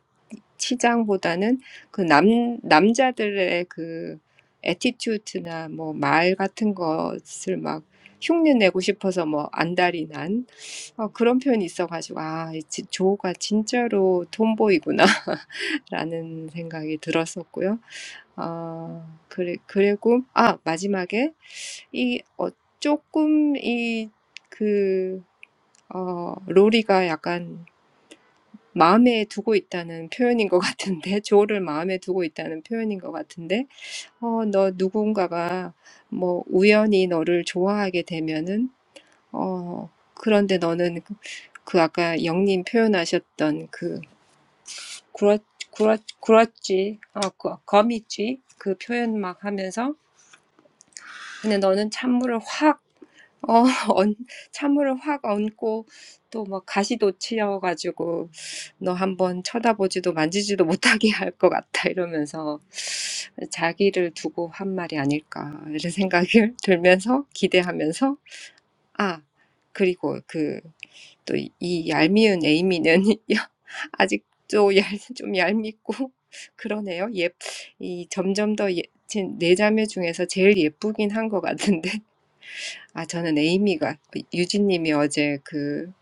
S2: 치장보다는 그 남, 남자들의 그 에티튜드나 뭐 말 같은 것을 막 흉내 내고 싶어서 뭐 안달이 난 어, 그런 표현이 있어가지고 아, 이 지- 조가 진짜로 톰보이구나 라는 생각이 들었었고요. 어, 그래, 그리고 아, 마지막에 이 어, 조금 이그 어, 로리가 약간 마음에 두고 있다는 표현인 것 같은데, 조를 마음에 두고 있다는 표현인 것 같은데, 어, 너 누군가가 뭐 우연히 너를 좋아하게 되면은, 어, 그런데 너는 그, 그 아까 영님 표현하셨던 그 구라, 구라, 구라지, 어 거- 거미지, 그 표현 막 하면서, 근데 너는 찬물을 확 어, 언, 찬물을 확 얹고 또 막 가시도 치여가지고 너 한번 쳐다보지도 만지지도 못하게 할 것 같다 이러면서 자기를 두고 한 말이 아닐까 이런 생각을 들면서 기대하면서 아 그리고 그 또 이 얄미운 에이미는 아직도 얄, 좀 얄밉고 그러네요. 예, 이 점점 더 예, 제네 자매 중에서 제일 예쁘긴 한것 같은데 아, 저는 에이미가, 유진님이 어제 그,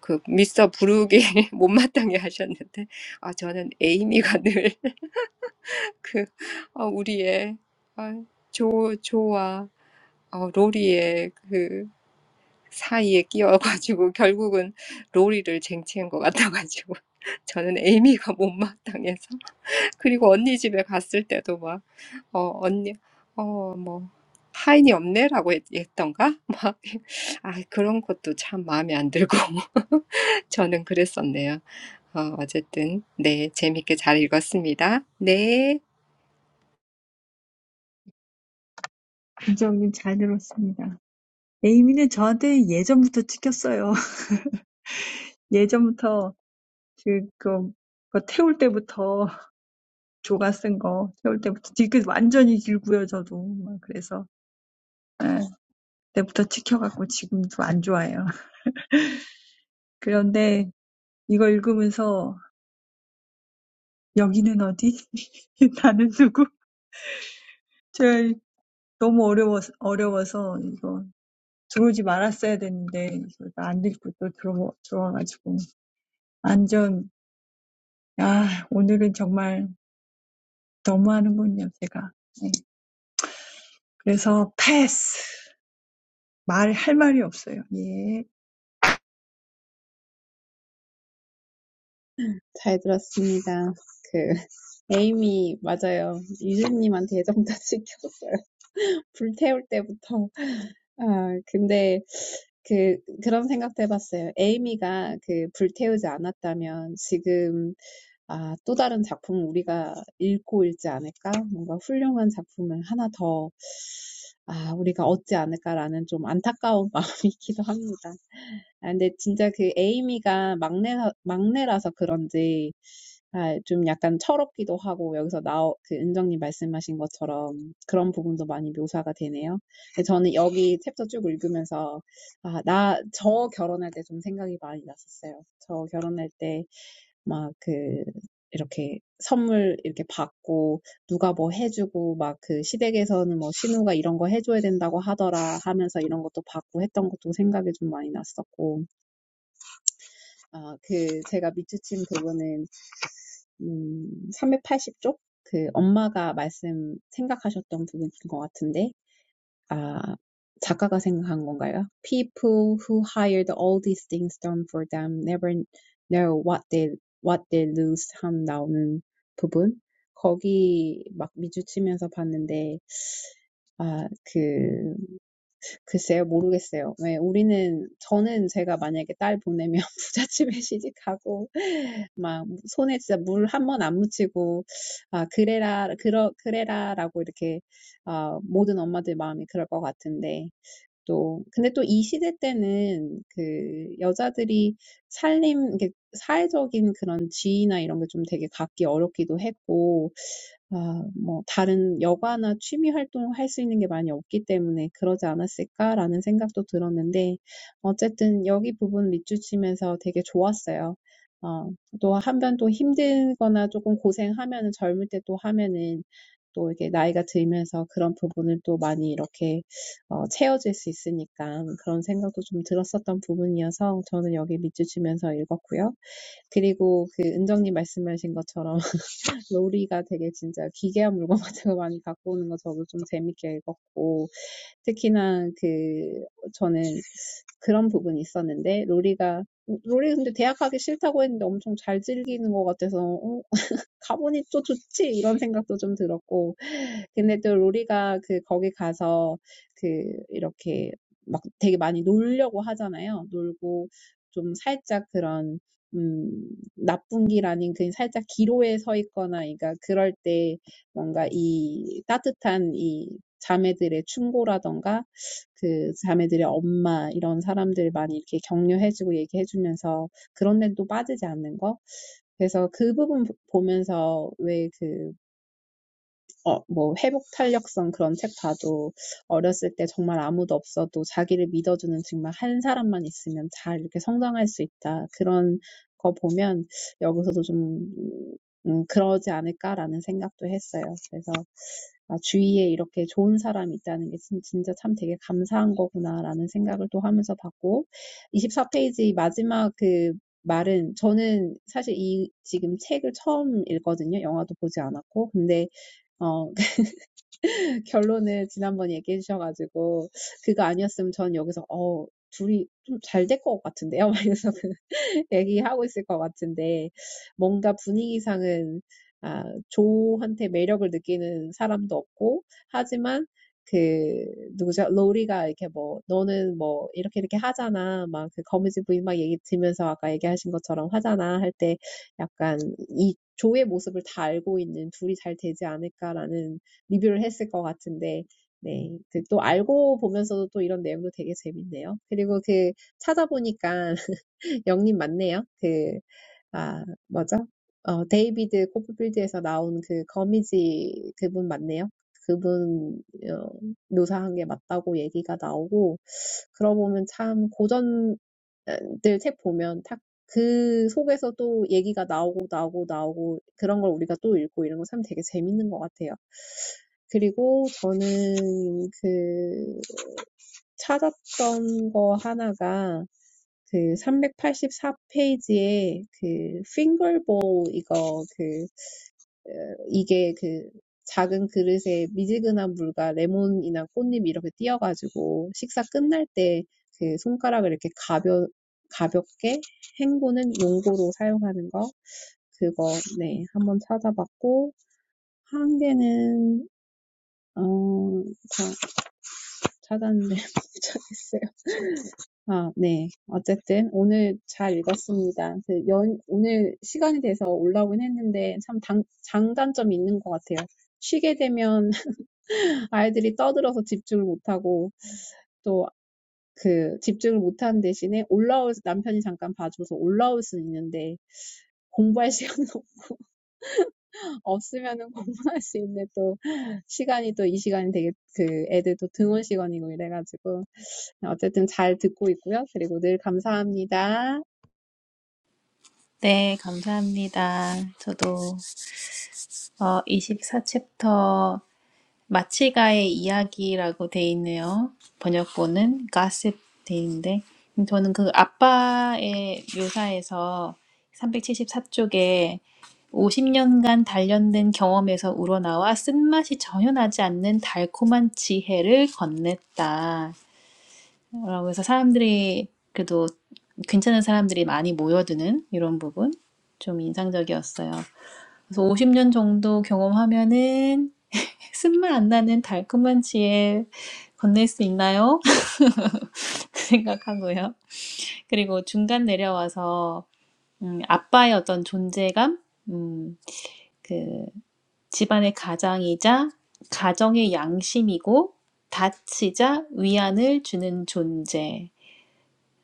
S2: 그 미스터 부르기 못마땅해 하셨는데, 아, 저는 에이미가 늘 그, 아, 우리의, 아, 조, 조와, 어, 로리의 그 사이에 끼어가지고 결국은 로리를 쟁취한 것 같아가지고 저는 에이미가 못마땅해서 그리고 언니 집에 갔을 때도 막 어, 언니 하인이 없네라고 했, 했던가 막 아 그런 것도 참 마음에 안 들고 저는 그랬었네요. 어, 어쨌든, 네, 재밌게 잘 읽었습니다. 네.
S1: 분석님 잘 들었습니다. 에이미는 저한테 예전부터 찍혔어요. 예전부터 그, 그, 그 태울 때부터 조가 쓴거 태울 때부터 뒤끝 완전히 길고요, 저도. 막 그래서 예, 그때부터 찍혀갖고 지금도 안 좋아해요. 그런데 이거 읽으면서 여기는 어디? 나는 누구? 저 너무 어려워서 어려워서 이거 들어오지 말았어야 됐는데 안 읽고 또 들어, 들어와가지고 완전 아 오늘은 정말 너무하는군요 제가 네. 그래서 패스 말할 말이 없어요 예
S4: 잘 들었습니다. 그 에이미 맞아요. 유진님한테 애정다 시켰어요. 불태울 때부터. 아 근데 그 그런 생각도 해봤어요. 에이미가 그 불태우지 않았다면 지금 아, 또 다른 작품 우리가 읽고 읽지 않을까? 뭔가 훌륭한 작품을 하나 더, 아, 우리가 얻지 않을까라는 좀 안타까운 마음이 있기도 합니다. 아, 근데 진짜 그 에이미가 막내, 막내라서 그런지, 아, 좀 약간 철없기도 하고, 여기서 나오, 그 은정님 말씀하신 것처럼 그런 부분도 많이 묘사가 되네요. 근데 저는 여기 챕터 쭉 읽으면서, 아, 나, 저 결혼할 때 좀 생각이 많이 났었어요. 저 결혼할 때 막 그 이렇게 선물 이렇게 받고 누가 뭐 해주고 막그 시댁에서는 뭐 신우가 이런 거 해줘야 된다고 하더라 하면서 이런 것도 받고 했던 것도 생각이 좀 많이 났었고 아 그 제가 밑주친 부분은 음 삼백팔십 쪽 그 엄마가 말씀 생각하셨던 부분인 것 같은데 아, 작가가 생각한 건가요? People who hired all these things done for them never know what they what they lose 함 나오는 부분 거기 막 미주치면서 봤는데 아그 글쎄요, 모르겠어요. 왜 우리는 저는 제가 만약에 딸 보내면 부잣집에 시집가고 막 손에 진짜 물 한 번 안 묻히고 아 그래라 그러 그래라라고 이렇게 아 모든 엄마들 마음이 그럴 것 같은데 또 근데 또 이 시대 때는 그 여자들이 살림 이렇게 사회적인 그런 지위나 이런 게좀 되게 갖기 어렵기도 했고 아, 뭐 다른 여가나 취미 활동을 할수 있는 게 많이 없기 때문에 그러지 않았을까라는 생각도 들었는데 어쨌든 여기 부분 밑줄치면서 되게 좋았어요. 어, 또 한편 또 힘들거나 조금 고생하면은 젊을 때또 하면은 또 이게 나이가 들면서 그런 부분을 또 많이 이렇게 어, 채워질 수 있으니까 그런 생각도 좀 들었었던 부분이어서 저는 여기 밑줄 치면서 읽었고요. 그리고 그 은정님 말씀하신 것처럼 로리가 되게 진짜 기괴한 물건 같은 거 많이 갖고 오는 거 저도 좀 재밌게 읽었고 특히나 그 저는 그런 부분이 있었는데 로리가 로리 근데 대학 가기 싫다고 했는데 엄청 잘 즐기는 것 같아서 어, 가보니 또 좋지 이런 생각도 좀 들었고 근데 또 로리가 그 거기 가서 그 이렇게 막 되게 많이 놀려고 하잖아요. 놀고 좀 살짝 그런 음, 나쁜 길 아닌 그냥 살짝 기로에 서 있거나, 그러니까 그럴 때 뭔가 이 따뜻한 이 자매들의 충고라던가 그 자매들의 엄마 이런 사람들 많이 이렇게 격려해주고 얘기해주면서 그런 데도 빠지지 않는 거. 그래서 그 부분 보면서 왜그 어, 뭐, 회복 탄력성 그런 책 봐도 어렸을 때 정말 아무도 없어도 자기를 믿어주는 정말 한 사람만 있으면 잘 이렇게 성장할 수 있다. 그런 거 보면 여기서도 좀, 음, 그러지 않을까라는 생각도 했어요. 그래서 아, 주위에 이렇게 좋은 사람이 있다는 게 진- 진짜 참 되게 감사한 거구나라는 생각을 또 하면서 봤고, 24페이지 마지막 그 말은 저는 사실 이 지금 책을 처음 읽거든요. 영화도 보지 않았고. 근데 어 결론을 지난번에 얘기해 주셔가지고 그거 아니었으면 전 여기서 어 둘이 좀 잘 될 것 같은데요. 막 이러면서 얘기하고 있을 것 같은데, 뭔가 분위기상은, 아, 조한테 매력을 느끼는 사람도 없고, 하지만, 그, 누구죠? 로리가 이렇게 뭐, 너는 뭐, 이렇게 이렇게 하잖아. 막, 그 거미지 부인 막 얘기 들으면서 아까 얘기하신 것처럼 하잖아. 할 때, 약간, 이 조의 모습을 다 알고 있는 둘이 잘 되지 않을까라는 리뷰를 했을 것 같은데, 네. 그또 알고 보면서도 또 이런 내용도 되게 재밌네요. 그리고 그, 찾아보니까, 영님 맞네요. 그, 아, 뭐죠? 어, 데이비드 코프필드에서 나온 그 거미지 그분 맞네요. 그분 어, 묘사한 게 맞다고 얘기가 나오고, 그러고 보면 참 고전들 책 보면 탁그 속에서 또 얘기가 나오고 나오고 나오고 그런 걸 우리가 또 읽고 이런 거 참 되게 재밌는 것 같아요. 그리고 저는 그 찾았던 거 하나가 그 삼백팔십사 페이지에 그 핑거볼 이거 그 어, 이게 그 작은 그릇에 미지근한 물과 레몬이나 꽃잎 이렇게 띄어가지고 식사 끝날 때그 손가락을 이렇게 가벼 가볍게 헹구는 용도로 사용하는 거 그거 네 한번 찾아봤고 한 개는 어다 찾았는데 못 찾겠어요. 아, 네. 어쨌든 오늘 잘 읽었습니다. 그 연, 오늘 시간이 돼서 올라오긴 했는데 참 장, 장단점이 있는 것 같아요. 쉬게 되면 아이들이 떠들어서 집중을 못하고 또 그 집중을 못하는 대신에 올라올 수- 남편이 잠깐 봐줘서 올라올 수 있는데 공부할 시간이 없으면은 공부할 수 있는데 또 시간이 또 이 시간이 되게 그 애들 또 등원 시간이고 이래가지고 어쨌든 잘 듣고 있고요. 그리고 늘 감사합니다.
S3: 네, 감사합니다. 저도 어, 24챕터 마치가의 이야기라고 돼 있네요. 번역본은 가십 돼 있는데 저는 그 아빠의 묘사에서 374쪽에 50년간 단련된 경험에서 우러나와 쓴맛이 전혀 나지 않는 달콤한 지혜를 건넸다. 라고 해서 사람들이 그래도 괜찮은 사람들이 많이 모여드는 이런 부분 좀 인상적이었어요. 그래서 50년 정도 경험하면은 쓴맛 안 나는 달콤한 지혜 건넬 수 있나요? 생각하고요. 그리고 중간 내려와서 음, 아빠의 어떤 존재감, 음, 그 집안의 가장이자 가정의 양심이고 다치자 위안을 주는 존재.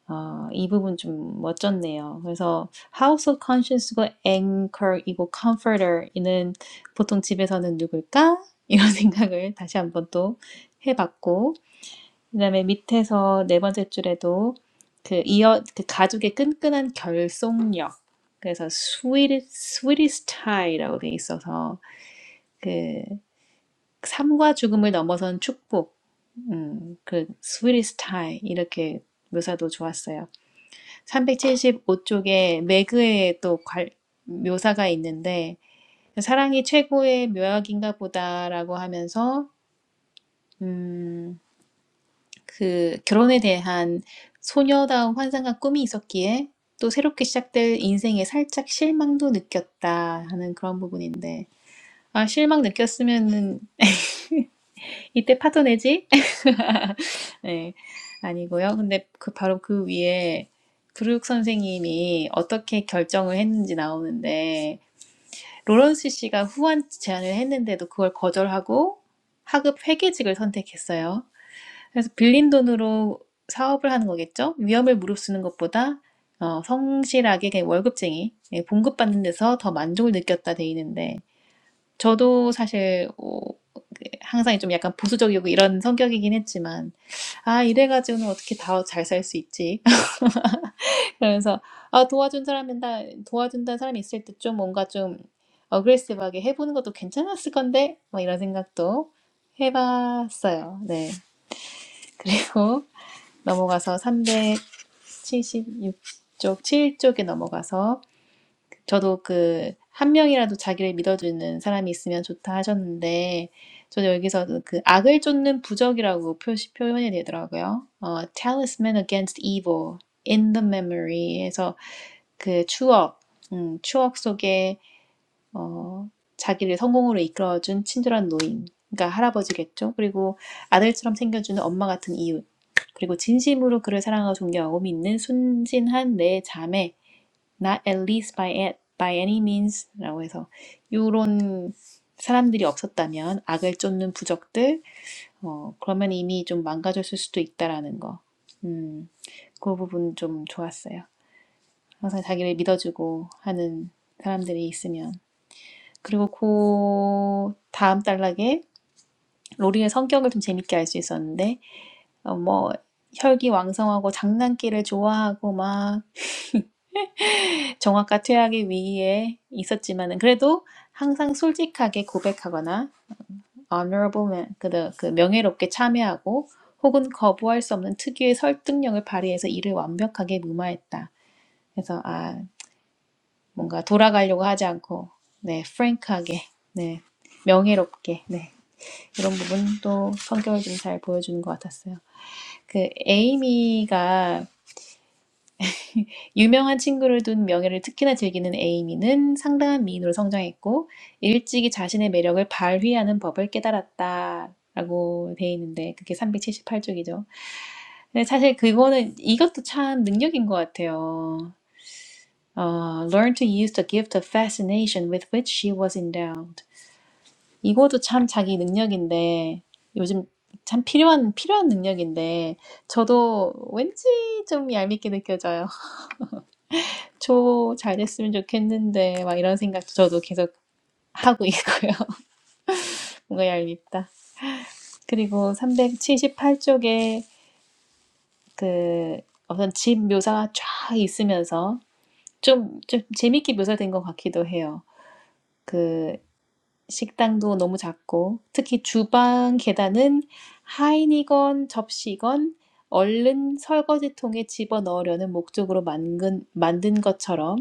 S3: 어, 이 부분 좀 멋졌네요. 그래서 House of Conscience고 Anchor이고 Comforter이는 보통 집에서는 누굴까? 이런 생각을 다시 한번 또 해봤고, 그다음에 밑에서 네 번째 줄에도 그 이어 그 가죽의 끈끈한 결속력. 그래서 sweet sweetest tie라고 돼 있어서 그 삶과 죽음을 넘어선 축복. 음, 그 sweetest tie 이렇게 묘사도 좋았어요. 375쪽에 매그에 또 괄- 묘사가 있는데 사랑이 최고의 묘약인가 보다라고 하면서 음, 그 결혼에 대한 소녀다운 환상과 꿈이 있었기에 또 새롭게 시작될 인생에 살짝 실망도 느꼈다 하는 그런 부분인데 아 실망 느꼈으면은 이때 파토 내지? 네, 아니고요. 근데 그 바로 그 위에 브룩 선생님이 어떻게 결정을 했는지 나오는데 로런스 씨가 후원 제안을 했는데도 그걸 거절하고 하급 회계직을 선택했어요. 그래서 빌린 돈으로 사업을 하는 거겠죠? 위험을 무릅쓰는 것보다 어, 성실하게 그냥 월급쟁이, 예, 봉급받는 데서 더 만족을 느꼈다 돼 있는데 저도 사실 어, 그 항상 좀 약간 보수적이고 이런 성격이긴 했지만 아 이래가지고는 어떻게 다 잘 살 수 있지? 그래서 아 도와준 사람이다 도와준다는 사람이 있을 때 좀 뭔가 좀 어그레시브하게 해보는 것도 괜찮았을 건데 뭐 이런 생각도 해봤어요. 네. 그리고 넘어가서 376쪽, 7쪽에 넘어가서 저도 그 한 명이라도 자기를 믿어주는 사람이 있으면 좋다 하셨는데 저도 여기서 그 악을 쫓는 부적이라고 표시 표현이 되더라고요. 어, talisman against evil in the memory 해서 그 추억, 음, 추억 속에 어, 자기를 성공으로 이끌어준 친절한 노인, 그러니까 할아버지겠죠. 그리고 아들처럼 생겨주는 엄마 같은 이웃, 그리고 진심으로 그를 사랑하고 존경하고 믿는 순진한 내 자매, not at least by, a- by any means라고 해서 요런 사람들이 없었다면 악을 쫓는 부적들, 어, 그러면 이미 좀 망가졌을 수도 있다라는 거. 음, 그 부분 좀 좋았어요. 항상 자기를 믿어주고 하는 사람들이 있으면. 그리고 그 다음 단락에 로리의 성격을 좀 재밌게 알 수 있었는데 어, 뭐 혈기왕성하고 장난기를 좋아하고 막 정확과 퇴학의 위기에 있었지만은 그래도 항상 솔직하게 고백하거나 honorable man, 그, 그 그 명예롭게 참여하고 혹은 거부할 수 없는 특유의 설득력을 발휘해서 이를 완벽하게 무마했다. 그래서 아 뭔가 돌아가려고 하지 않고 네 프랭크하게 네 명예롭게 네 이런 부분도 성격을 좀 잘 보여주는 것 같았어요. 그 에이미가 유명한 친구를 둔 명예를 특히나 즐기는 에이미는 상당한 미인으로 성장했고 일찍이 자신의 매력을 발휘하는 법을 깨달았다. 라고 돼 있는데 그게 378쪽이죠. 근데 사실 그거는 이것도 참 능력인 것 같아요. 어, learn to use the gift of fascination with which she was endowed. 이것도 참 자기 능력인데 요즘 참 필요한 필요한 능력인데 저도 왠지 좀 얄밉게 느껴져요. 저 잘됐으면 좋겠는데 막 이런 생각 저도 계속 하고 있고요. 뭔가 얄밉다. 그리고 378쪽에 그 어떤 집 묘사가 쫙 있으면서 좀, 좀 재밌게 묘사된 것 같기도 해요. 그 식당도 너무 작고 특히 주방 계단은 하인이건 접시건 얼른 설거지통에 집어넣으려는 목적으로 만든, 만든 것처럼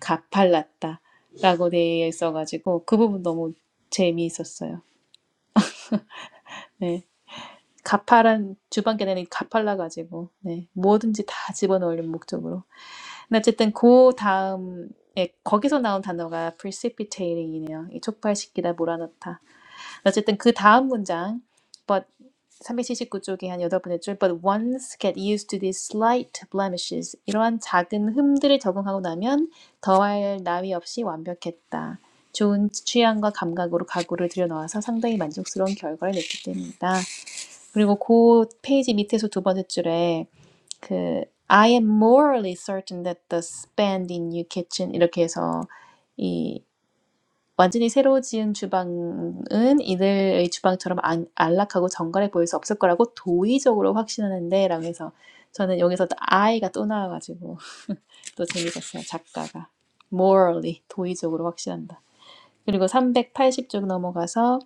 S3: 가팔랐다라고 되어 있어가지고 그 부분 너무 재미있었어요. 네. 가파란 주방 계단이 가팔라가지고 네. 뭐든지 다 집어넣으려는 목적으로. 근데 어쨌든 그 다음 예, 거기서 나온 단어가 precipitating이네요. 이 촉발시키다, 몰아넣다. 어쨌든 그 다음 문장 but 379쪽에 한 여덟 번째 줄 but once get used to these slight blemishes 이러한 작은 흠들을 적응하고 나면 더할 나위 없이 완벽했다. 좋은 취향과 감각으로 가구를 들여놓아서 상당히 만족스러운 결과를 냈기 때문이다. 그리고 그 페이지 밑에서 두 번째 줄에 그 I am morally certain that the spend in your kitchen 이렇게 해서 이 완전히 새로 지은 주방은 이들의 주방처럼 안, 안락하고 정갈해 보일 수 없을 거라고 도의적으로 확신하는데 라고 해서 저는 여기서 또 I가 또 나와가지고 또 재밌었어요. 작가가. morally, 도의적으로 확신한다. 그리고 380쪽 넘어가서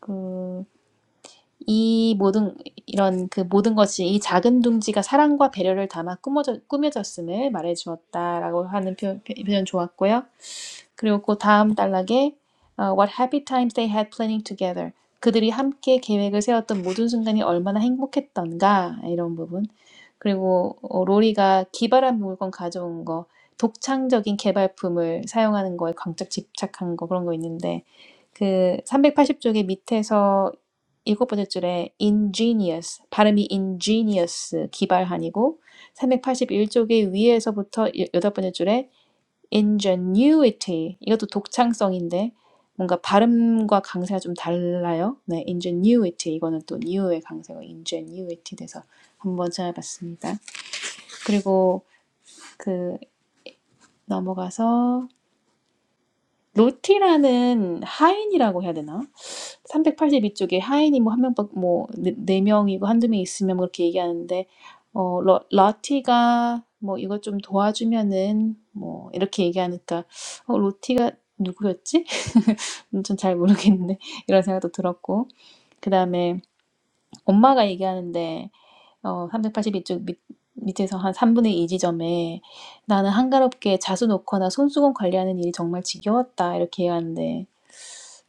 S3: 그, 이 모든 이런 그 모든 것이 이 작은 둥지가 사랑과 배려를 담아 꾸며져, 꾸며졌음을 말해주었다라고 하는 표, 현 표현 좋았고요. 그리고 그 다음 단락에 uh, What happy times they had planning together. 그들이 함께 계획을 세웠던 모든 순간이 얼마나 행복했던가 이런 부분. 그리고 어, 로리가 기발한 물건 가져온 거, 독창적인 개발품을 사용하는 거에 광짝 집착한 거 그런 거 있는데 그 380쪽의 밑에서 일곱 번째 줄에 ingenious 발음이 ingenious 기발한이고 381쪽의 위에서부터 여덟 번째 줄에 ingenuity. 이것도 독창성인데 뭔가 발음과 강세가 좀 달라요. 네, ingenuity. 이거는 또 new의 강세가 ingenuity 돼서 한번 찾아봤습니다. 그리고 그 넘어가서 로티라는 하인이라고 해야 되나? 382쪽에 하인이 뭐 한 명, 뭐네 네네 명이고 한두 명 있으면 뭐 그렇게 얘기하는데 어 러, 러티가 뭐 이거 좀 도와주면은 뭐 이렇게 얘기하니까 어 로티가 누구였지? 전 잘 모르겠는데 이런 생각도 들었고 그 다음에 엄마가 얘기하는데 어 382쪽 밑 밑에서 한 3분의 2 지점에 나는 한가롭게 자수 놓거나 손수건 관리하는 일이 정말 지겨웠다 이렇게 얘기하는데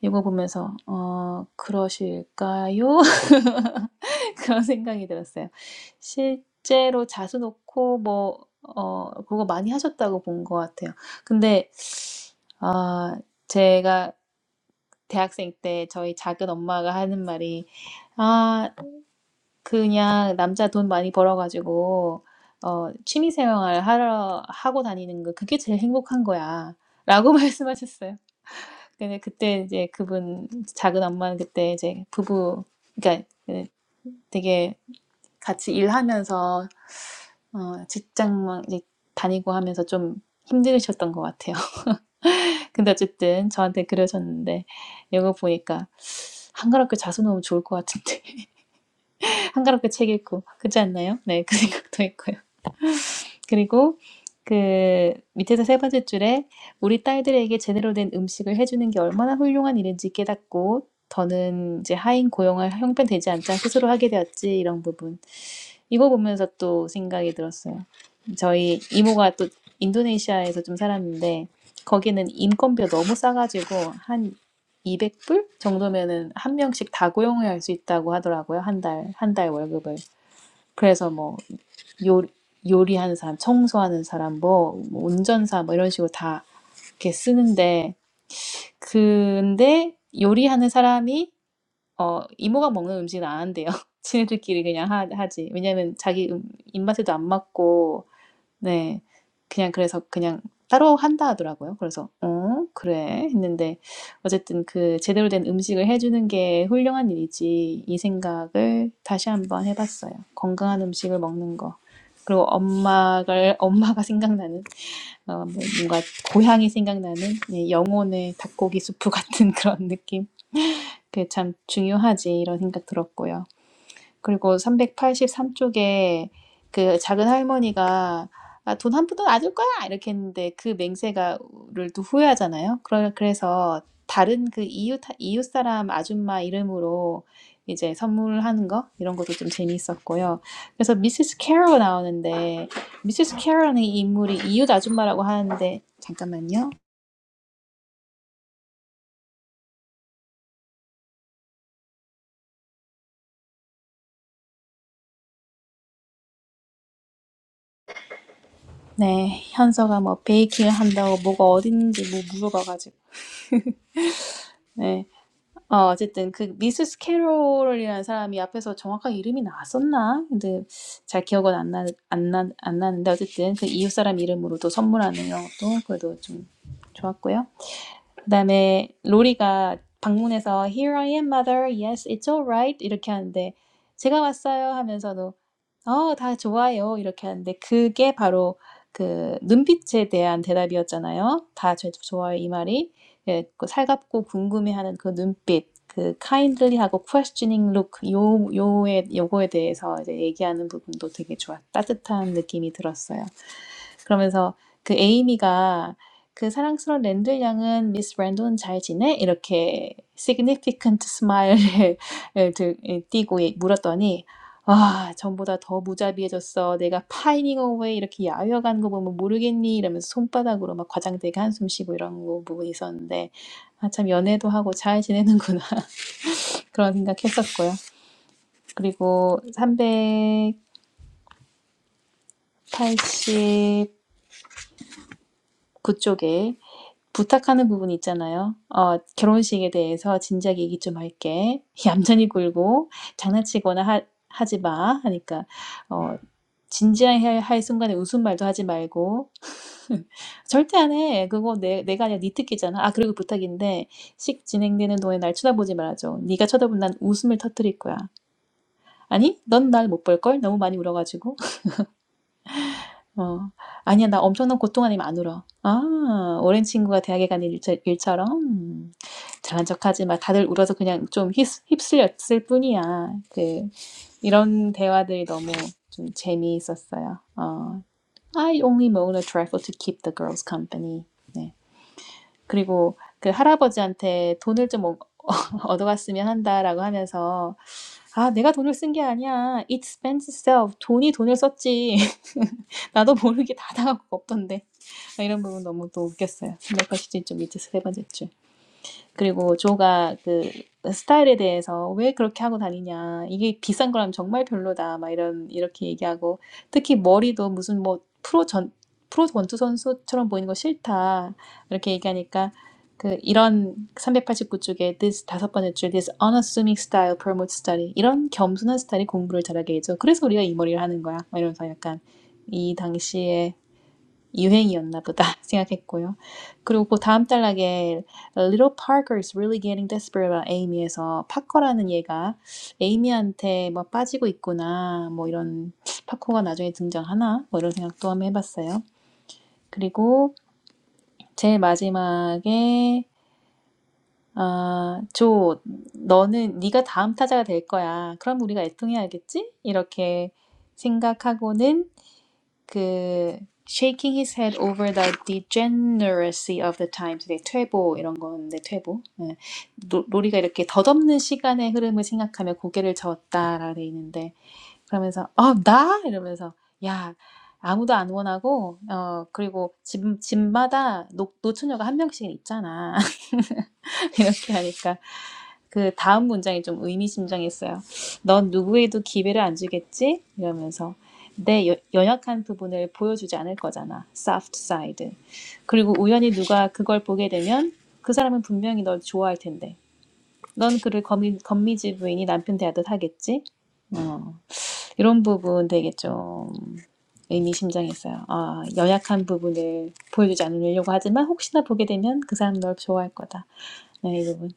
S3: 이거 보면서 어 그러실까요? 그런 생각이 들었어요. 실제로 자수 놓고 뭐 어 그거 많이 하셨다고 본 것 같아요. 근데 아 제가 대학생 때 저희 작은 엄마가 하는 말이 아 그냥 남자 돈 많이 벌어가지고 어 취미생활 하러 하고 다니는 거 그게 제일 행복한 거야라고 말씀하셨어요. 근데 그때 이제 그분 작은 엄마는 그때 이제 부부 그러니까 그 되게 같이 일하면서 어, 직장 이제 다니고 하면서 좀 힘드셨던 것 같아요. 근데 어쨌든 저한테 그러셨는데 이거 보니까 한가롭게 자수 놓으면 좋을 것 같은데 한가롭게 책 읽고 그렇지 않나요? 네, 그 생각도 있고요 그리고 그 밑에서 세 번째 줄에 우리 딸들에게 제대로 된 음식을 해주는 게 얼마나 훌륭한 일인지 깨닫고 더는 이제 하인 고용을 형편되지 않자 스스로 하게 되었지 이런 부분 이거 보면서 또 생각이 들었어요. 저희 이모가 또 인도네시아에서 좀 살았는데 거기는 인건비가 너무 싸가지고 한 200불 정도면은 한 명씩 다 고용을 할 수 있다고 하더라고요 한 달 한 달 월급을 그래서 뭐 요, 요리하는 사람, 청소하는 사람, 뭐, 뭐 운전사, 뭐 이런 식으로 다 이렇게 쓰는데, 근데 요리하는 사람이, 어, 이모가 먹는 음식은 안 한대요. 지네들끼리 그냥 하, 하지. 왜냐면 자기 음, 입맛에도 안 맞고, 네. 그냥 그래서 그냥 따로 한다 하더라고요. 그래서 '어 그래.' 했는데 어쨌든 그 '제대로 된 음식을 해 주는 게 훌륭한 일이지.' 이 생각을 다시 한번 해 봤어요. 건강한 음식을 먹는 거. 그리고 엄마를 엄마가 생각나는 어 뭐 뭔가 고향이 생각나는 예 영혼의 닭고기 수프 같은 그런 느낌. 그게 참 중요하지 이런 생각 들었고요. 그리고 383 쪽에 그 작은 할머니가 "아 돈한 푼도 안 줄 거야." 이렇게 했는데 그 맹세가,를 또 후회하잖아요. 그러 그래서 다른 그 이웃 하 이웃 사람 아줌마 이름으로 이제 선물하는 거 이런 것도 좀 재미있었고요. 그래서 미시스 캐럴 나오는데 미시스 캐럴은 이 인물이 이웃 아줌마라고 하는데 잠깐만요. 네. 현서가 뭐 베이킹을 한다고 뭐가 어딨는지 뭐 물어봐 가지고. 네. 어 어쨌든 그 미세스 캐롤이라는 사람이 앞에서 정확하게 이름이 나왔었나? 근데 잘 기억은 안 나, 안 나, 안 나는데 어쨌든 그 이웃 사람 이름으로도 선물하는 것도 그래도 좀 좋았고요. 그다음에 로리가 방문해서 Here I am, mother. Yes, it's all right. 이렇게 하는데 제가 왔어요 하면서도 "어 다 좋아요." 이렇게 하는데 그게 바로 그 눈빛에 대한 대답이었잖아요. "다 제 좋아요." 이 말이. 예 그 살갑고 궁금해하는 그 눈빛 그 kindly하고 questioning look 요 요에 요거에 대해서 이제 얘기하는 부분도 되게 좋았 따뜻한 느낌이 들었어요. 그러면서 그 에이미가 "그 사랑스러운 랜들 양은 미스 랜돈 잘 지내?" 이렇게 significant smile을 을들이 띠고 예 물었더니 "아 전보다 더 무자비해졌어. 내가 파이닝 어웨이 이렇게 야유어 가는 거 보면 모르겠니?" 이러면서 손바닥으로 막 과장되게 한숨 쉬고 이런 거분고 있었는데 아 참 연애도 하고 잘 지내는구나 그런 생각했었고요. 그리고 389 쪽에 부탁하는 부분이 있잖아요. 어, 결혼식에 대해서 진작 얘기 좀 할게. 얌전히 굴고 장난치거나 하, 하지 마. 하니까, 어, 진지해야 할 순간에 웃음 말도 하지 말고, 절대 안 해. 그거 내, 내가 아니라 네 특기잖아. 아, 그리고 부탁인데, 식 진행되는 동안 날 쳐다보지 말아줘. 네가 쳐다보면 난 웃음을 터뜨릴 거야. 아니, 넌 날 못 볼걸? 너무 많이 울어가지고. 어, 아니야, 나 엄청난 고통 아니면 안 울어. 아, 오랜 친구가 대학에 간 일, 일처럼. 음, 잘난 척하지 마. 다들 울어서 그냥 좀 휩, 휩쓸렸을 뿐이야. 그, 이런 대화들이 너무 좀 재미있었어요. 어, I only moan a trifle to keep the girls company. 네. 그리고 그 할아버지한테 돈을 좀 얻- 어갔으면 한다라고 하면서 아 내가 돈을 쓴 게 아니야 it spends itself 돈이 돈을 썼지 나도 모르게 다 당하고 없던데 이런 부분 너무 또 웃겼어요. 메카시즌 좀 이제 세 번째 줄. 그리고 조가 그 스타일에 대해서 왜 그렇게 하고 다니냐. 이게 비싼 거라면 정말 별로다. 막 이런, 이렇게 얘기하고. 특히 머리도 무슨 뭐 프로 전, 프로 권투 선수처럼 보이는 거 싫다. 이렇게 얘기하니까 그 이런 389쪽에 this 다섯 번째 줄 this unassuming style promotes study 이런 겸손한 스타일이 공부를 잘하게 해줘. 그래서 우리가 이 머리를 하는 거야. 막 이러면서 약간 이 당시에 유행이었나 보다 생각했고요. 그리고 그 다음 단락에 Little Parker is really getting desperate about Amy에서 파커라는 얘가 에이미한테 뭐 빠지고 있구나 뭐 이런 파커가 나중에 등장하나 뭐 이런 생각도 한번 해봤어요. 그리고 제일 마지막에 아, 조, 너는 네가 다음 타자가 될 거야. 그럼 우리가 애통해야겠지? 이렇게 생각하고는 그 shaking his head over the degeneracy of the times 네, 퇴보 이런 건데 퇴보 네. 노, 로리가 이렇게 덧없는 시간의 흐름을 생각하며 고개를 저었다라고 돼 있는데 그러면서 어나 이러면서 야 아무도 안 원하고 어 그리고 집 집마다 노, 노처녀가 한 명씩 있잖아 이렇게 하니까 그 다음 문장이 좀 의미심장했어요. 넌 누구에도 기회를 안 주겠지? 이러면서 내 여- 연약한 부분을 보여주지 않을 거잖아. soft side. 그리고 우연히 누가 그걸 보게 되면 그 사람은 분명히 널 좋아할 텐데. 넌 그를 거미, 미지 부인이 남편 대하듯 하겠지? 어, 이런 부분 되게 좀 의미심장했어요. 아, 연약한 부분을 보여주지 않으려고 하지만 혹시나 보게 되면 그 사람 널 좋아할 거다. 네, 이 부분.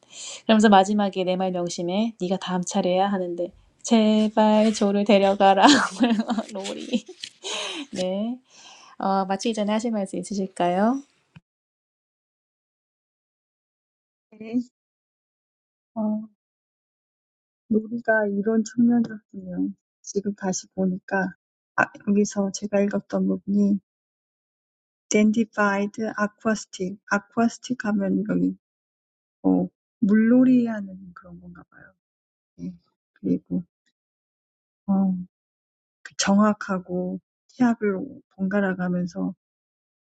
S3: 그러면서 마지막에 내 말 명심해. 네가 다음 차례야 하는데 제발 조를 데려가라. 로리. 네. 어, 마치기 전에 하실 말씀 있으실까요?
S1: 네. 어, 놀이가 이런 측면이었군요 지금 다시 보니까 아, 여기서 제가 읽었던 부분이 Dandified Aquastic Aquastic 하면 여기 어, 물놀이 하는 그런 건가 봐요 그리고 어, 그 정확하고 태압을 번갈아 가면서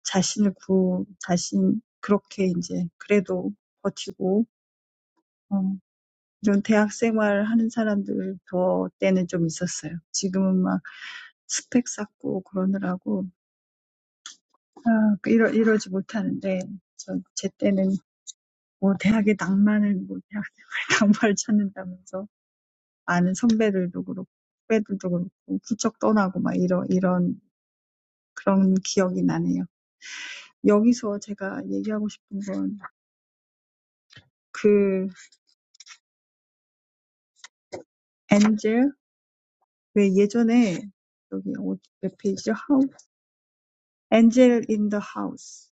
S1: 자신을 구 자신 그렇게 이제 그래도 버티고 어, 이런 대학 생활 하는 사람들 더 때는 좀 있었어요. 지금은 막 스펙 쌓고 그러느라고 아, 그 이러 이러지 못하는데 저제 때는 뭐 대학의 낭만을 뭐 대학 생활 낭만을 찾는다면서 아는 선배들도 그렇고 후배들도 그렇고 훌쩍 떠나고 막 이런 이런 그런 기억이 나네요. 여기서 제가 얘기하고 싶은 건그 엔젤 왜 예전에 여기 어디 몇 페이지죠? 하우 엔젤 인 더 하우스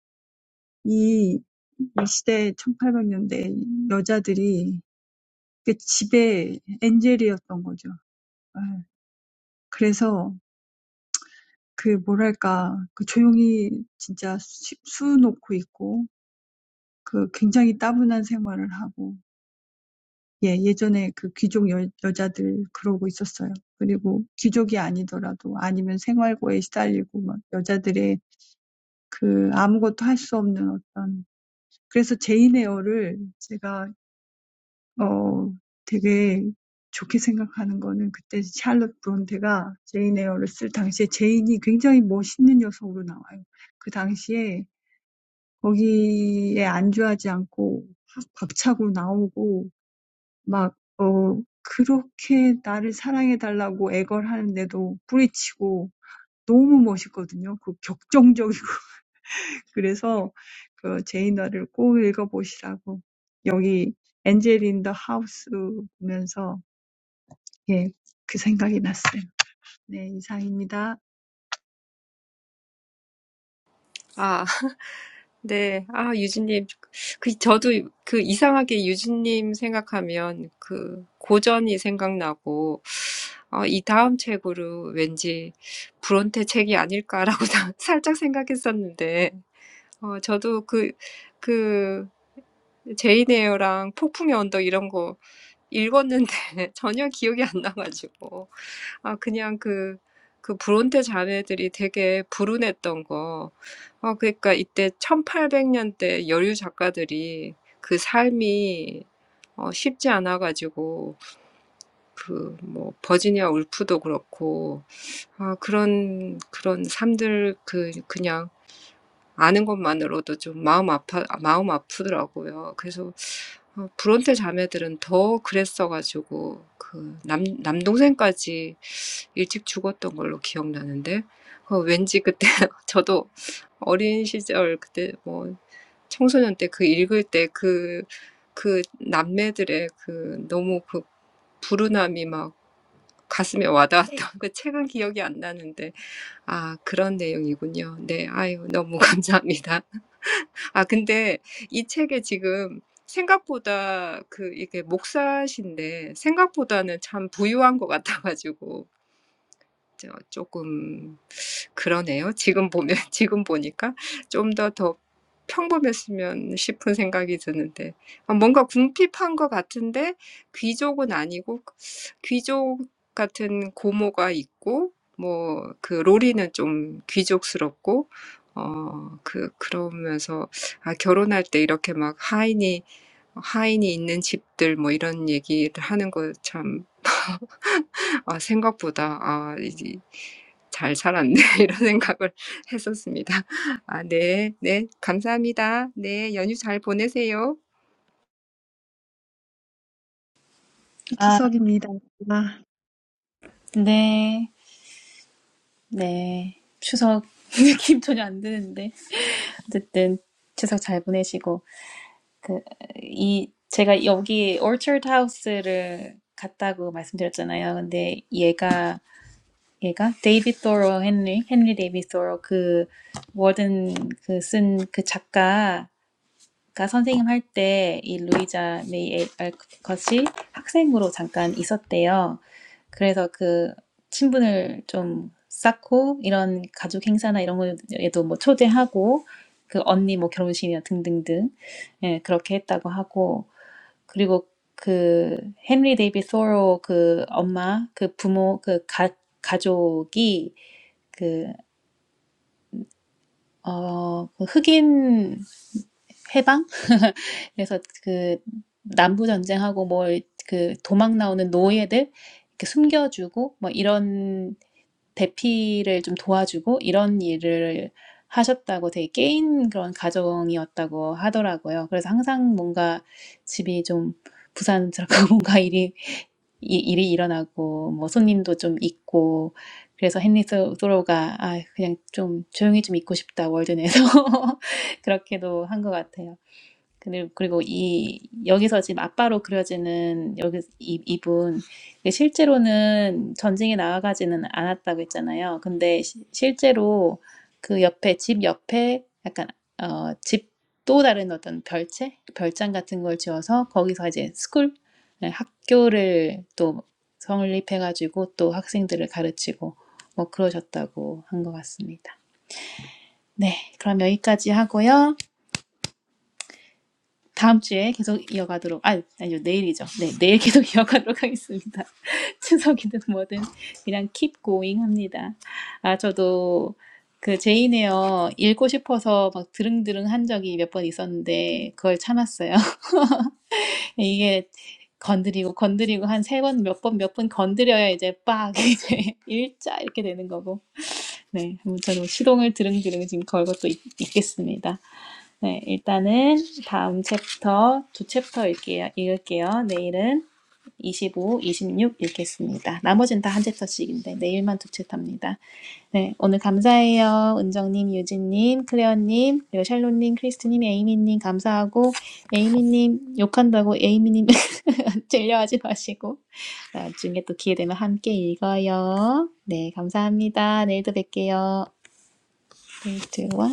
S1: 이, 이 시대 1800년대 여자들이 그 집에 엔젤이었던 거죠. 아, 그래서 그 뭐랄까 그 조용히 진짜 수, 수 놓고 있고 그 굉장히 따분한 생활을 하고 예, 예전에 그 귀족 여, 여자들 그러고 있었어요. 그리고 귀족이 아니더라도 아니면 생활고에 시달리고 막 여자들의 그 아무것도 할수 없는 어떤 그래서 제인 에어를 제가 어 되게 좋게 생각하는 거는 그때 샬롯 브론테가 제인 에어를 쓸 당시에 제인이 굉장히 멋있는 여성으로 나와요. 그 당시에 거기에 안주하지 않고 확 박차고 나오고 막 어 그렇게 나를 사랑해 달라고 애걸하는데도 뿌리치고 너무 멋있거든요. 그 격정적이고 그래서 그 제이너를 꼭 읽어보시라고 여기 엔젤 인더 하우스 보면서 예, 그 생각이 났어요. 네, 이상입니다.
S2: 아, 네. 아, 유진님. 그, 저도 그 이상하게 유진님 생각하면 그 고전이 생각나고, 어, 이 다음 책으로 왠지 브론테 책이 아닐까라고 나- 살짝 생각했었는데, 어, 저도 그, 그, 제인 에어랑 폭풍의 언덕 이런 거 읽었는데 전혀 기억이 안 나가지고. 아, 그냥 그, 그 브론테 자매들이 되게 불운했던 거. 아, 그러니까 이때 천팔백 년대 여류 작가들이 그 삶이 어, 쉽지 않아 가지고 그, 뭐, 버지니아 울프도 그렇고, 아, 그런, 그런 삶들, 그, 그냥 아는 것만으로도 좀 마음 아파 마음 아프더라고요. 그래서 어, 브론테 자매들은 더 그랬어가지고 그 남, 남동생까지 일찍 죽었던 걸로 기억나는데 어, 왠지 그때 저도 어린 시절 그때 뭐 청소년 때그 읽을 때그그 남매들의 그 너무 그 불운함이 막 가슴에 와닿았던 그 책은 기억이 안 나는데 아 그런 내용이군요. 네, 아유 너무 감사합니다. 아 근데 이 책에 지금 생각보다 그 이게 목사신데 생각보다는 참 부유한 것 같아가지고. 저 조금 그러네요. 지금 보면 지금 보니까 좀 더 더 평범했으면 싶은 생각이 드는데 아, 뭔가 궁핍한 것 같은데 귀족은 아니고 귀족 같은 고모가 있고 뭐그 로리는 좀 귀족스럽고 어, 그, 그러면서, 아, 결혼할 때 이렇게 막 하인이, 하인이 있는 집들 뭐 이런 얘기를 하는 거 참. 아, 생각보다 아, 이제 잘 살았네 이런 생각을 했었습니다. 아, 네, 네, 감사합니다. 네, 연휴 잘 보내세요.
S3: 아,
S1: 이치석입니다. 아.
S3: 네. 네. 추석 느낌 전혀 안 드는데 어쨌든 추석 잘 보내시고 그 이 제가 여기 Orchard h o 하우스를 갔다고 말씀드렸잖아요. 근데 얘가 얘가 데이비 소로 헨리 헨리 데이비 소로 그 워든 그 쓴 그 작가가 선생님 할 때 이 루이자 메이 알컷이 학생으로 잠깐 있었대요. 그래서 그 친분을 좀 쌓고 이런 가족 행사나 이런 거에도 뭐 초대하고 그 언니 뭐 결혼식이나 등등등 예, 그렇게 했다고 하고 그리고 그 헨리 데이비 소로 그 엄마 그 부모 그 가, 가족이 그, 어, 그 흑인 해방? 그래서 그 남부 전쟁하고 뭐 그 도망 나오는 노예들 이렇게 숨겨주고 뭐 이런 대피를 좀 도와주고 이런 일을 하셨다고 되게 깨인 그런 가정이었다고 하더라고요. 그래서 항상 뭔가 집이 좀 부산스럽고 뭔가 일이 이- 일이 일어나고 뭐 손님도 좀 있고 그래서 헨리 소- 소로가 아 그냥 좀 조용히 좀 있고 싶다 월드 내서 그렇게도 한 것 같아요. 그리고, 그리고 이, 여기서 지금 아빠로 그려지는 여기, 이, 이분, 이게 실제로는 전쟁에 나아가지는 않았다고 했잖아요. 근데 시, 실제로 그 옆에, 집 옆에 약간, 어, 집 또 다른 어떤 별채? 별장 같은 걸 지어서 거기서 이제 스쿨, 네, 학교를 또 설립해가지고 또 학생들을 가르치고 뭐 그러셨다고 한 것 같습니다. 네, 그럼 여기까지 하고요. 다음 주에 계속 이어가도록 아 아니요 내일이죠. 네 내일 계속 이어가도록 하겠습니다. 추석이든 뭐든 그냥 keep going 합니다. 아 저도 그 제이네요 읽고 싶어서 막 드릉드릉 한 적이 몇 번 있었는데 그걸 참았어요. 이게 건드리고 건드리고 한 세 번 몇 번 몇 번 건드려야 이제 빡 이제 일자 이렇게 되는 거고 네 아무튼 뭐 시동을 드릉드릉 지금 걸고 또 있, 있겠습니다. 네, 일단은 다음 챕터 두 챕터 읽게요, 읽을게요. 내일은 25, 26 읽겠습니다. 나머지는 다 한 챕터씩인데 내일만 두 챕터입니다. 네, 오늘 감사해요. 은정님, 유진님, 클레어님, 그리고 샬롯님, 크리스트님, 에이미님 감사하고 에이미님 욕한다고 에이미님 질려하지 마시고 나중에 또 기회 되면 함께 읽어요. 네, 감사합니다. 내일도 뵐게요. 3, 2, 1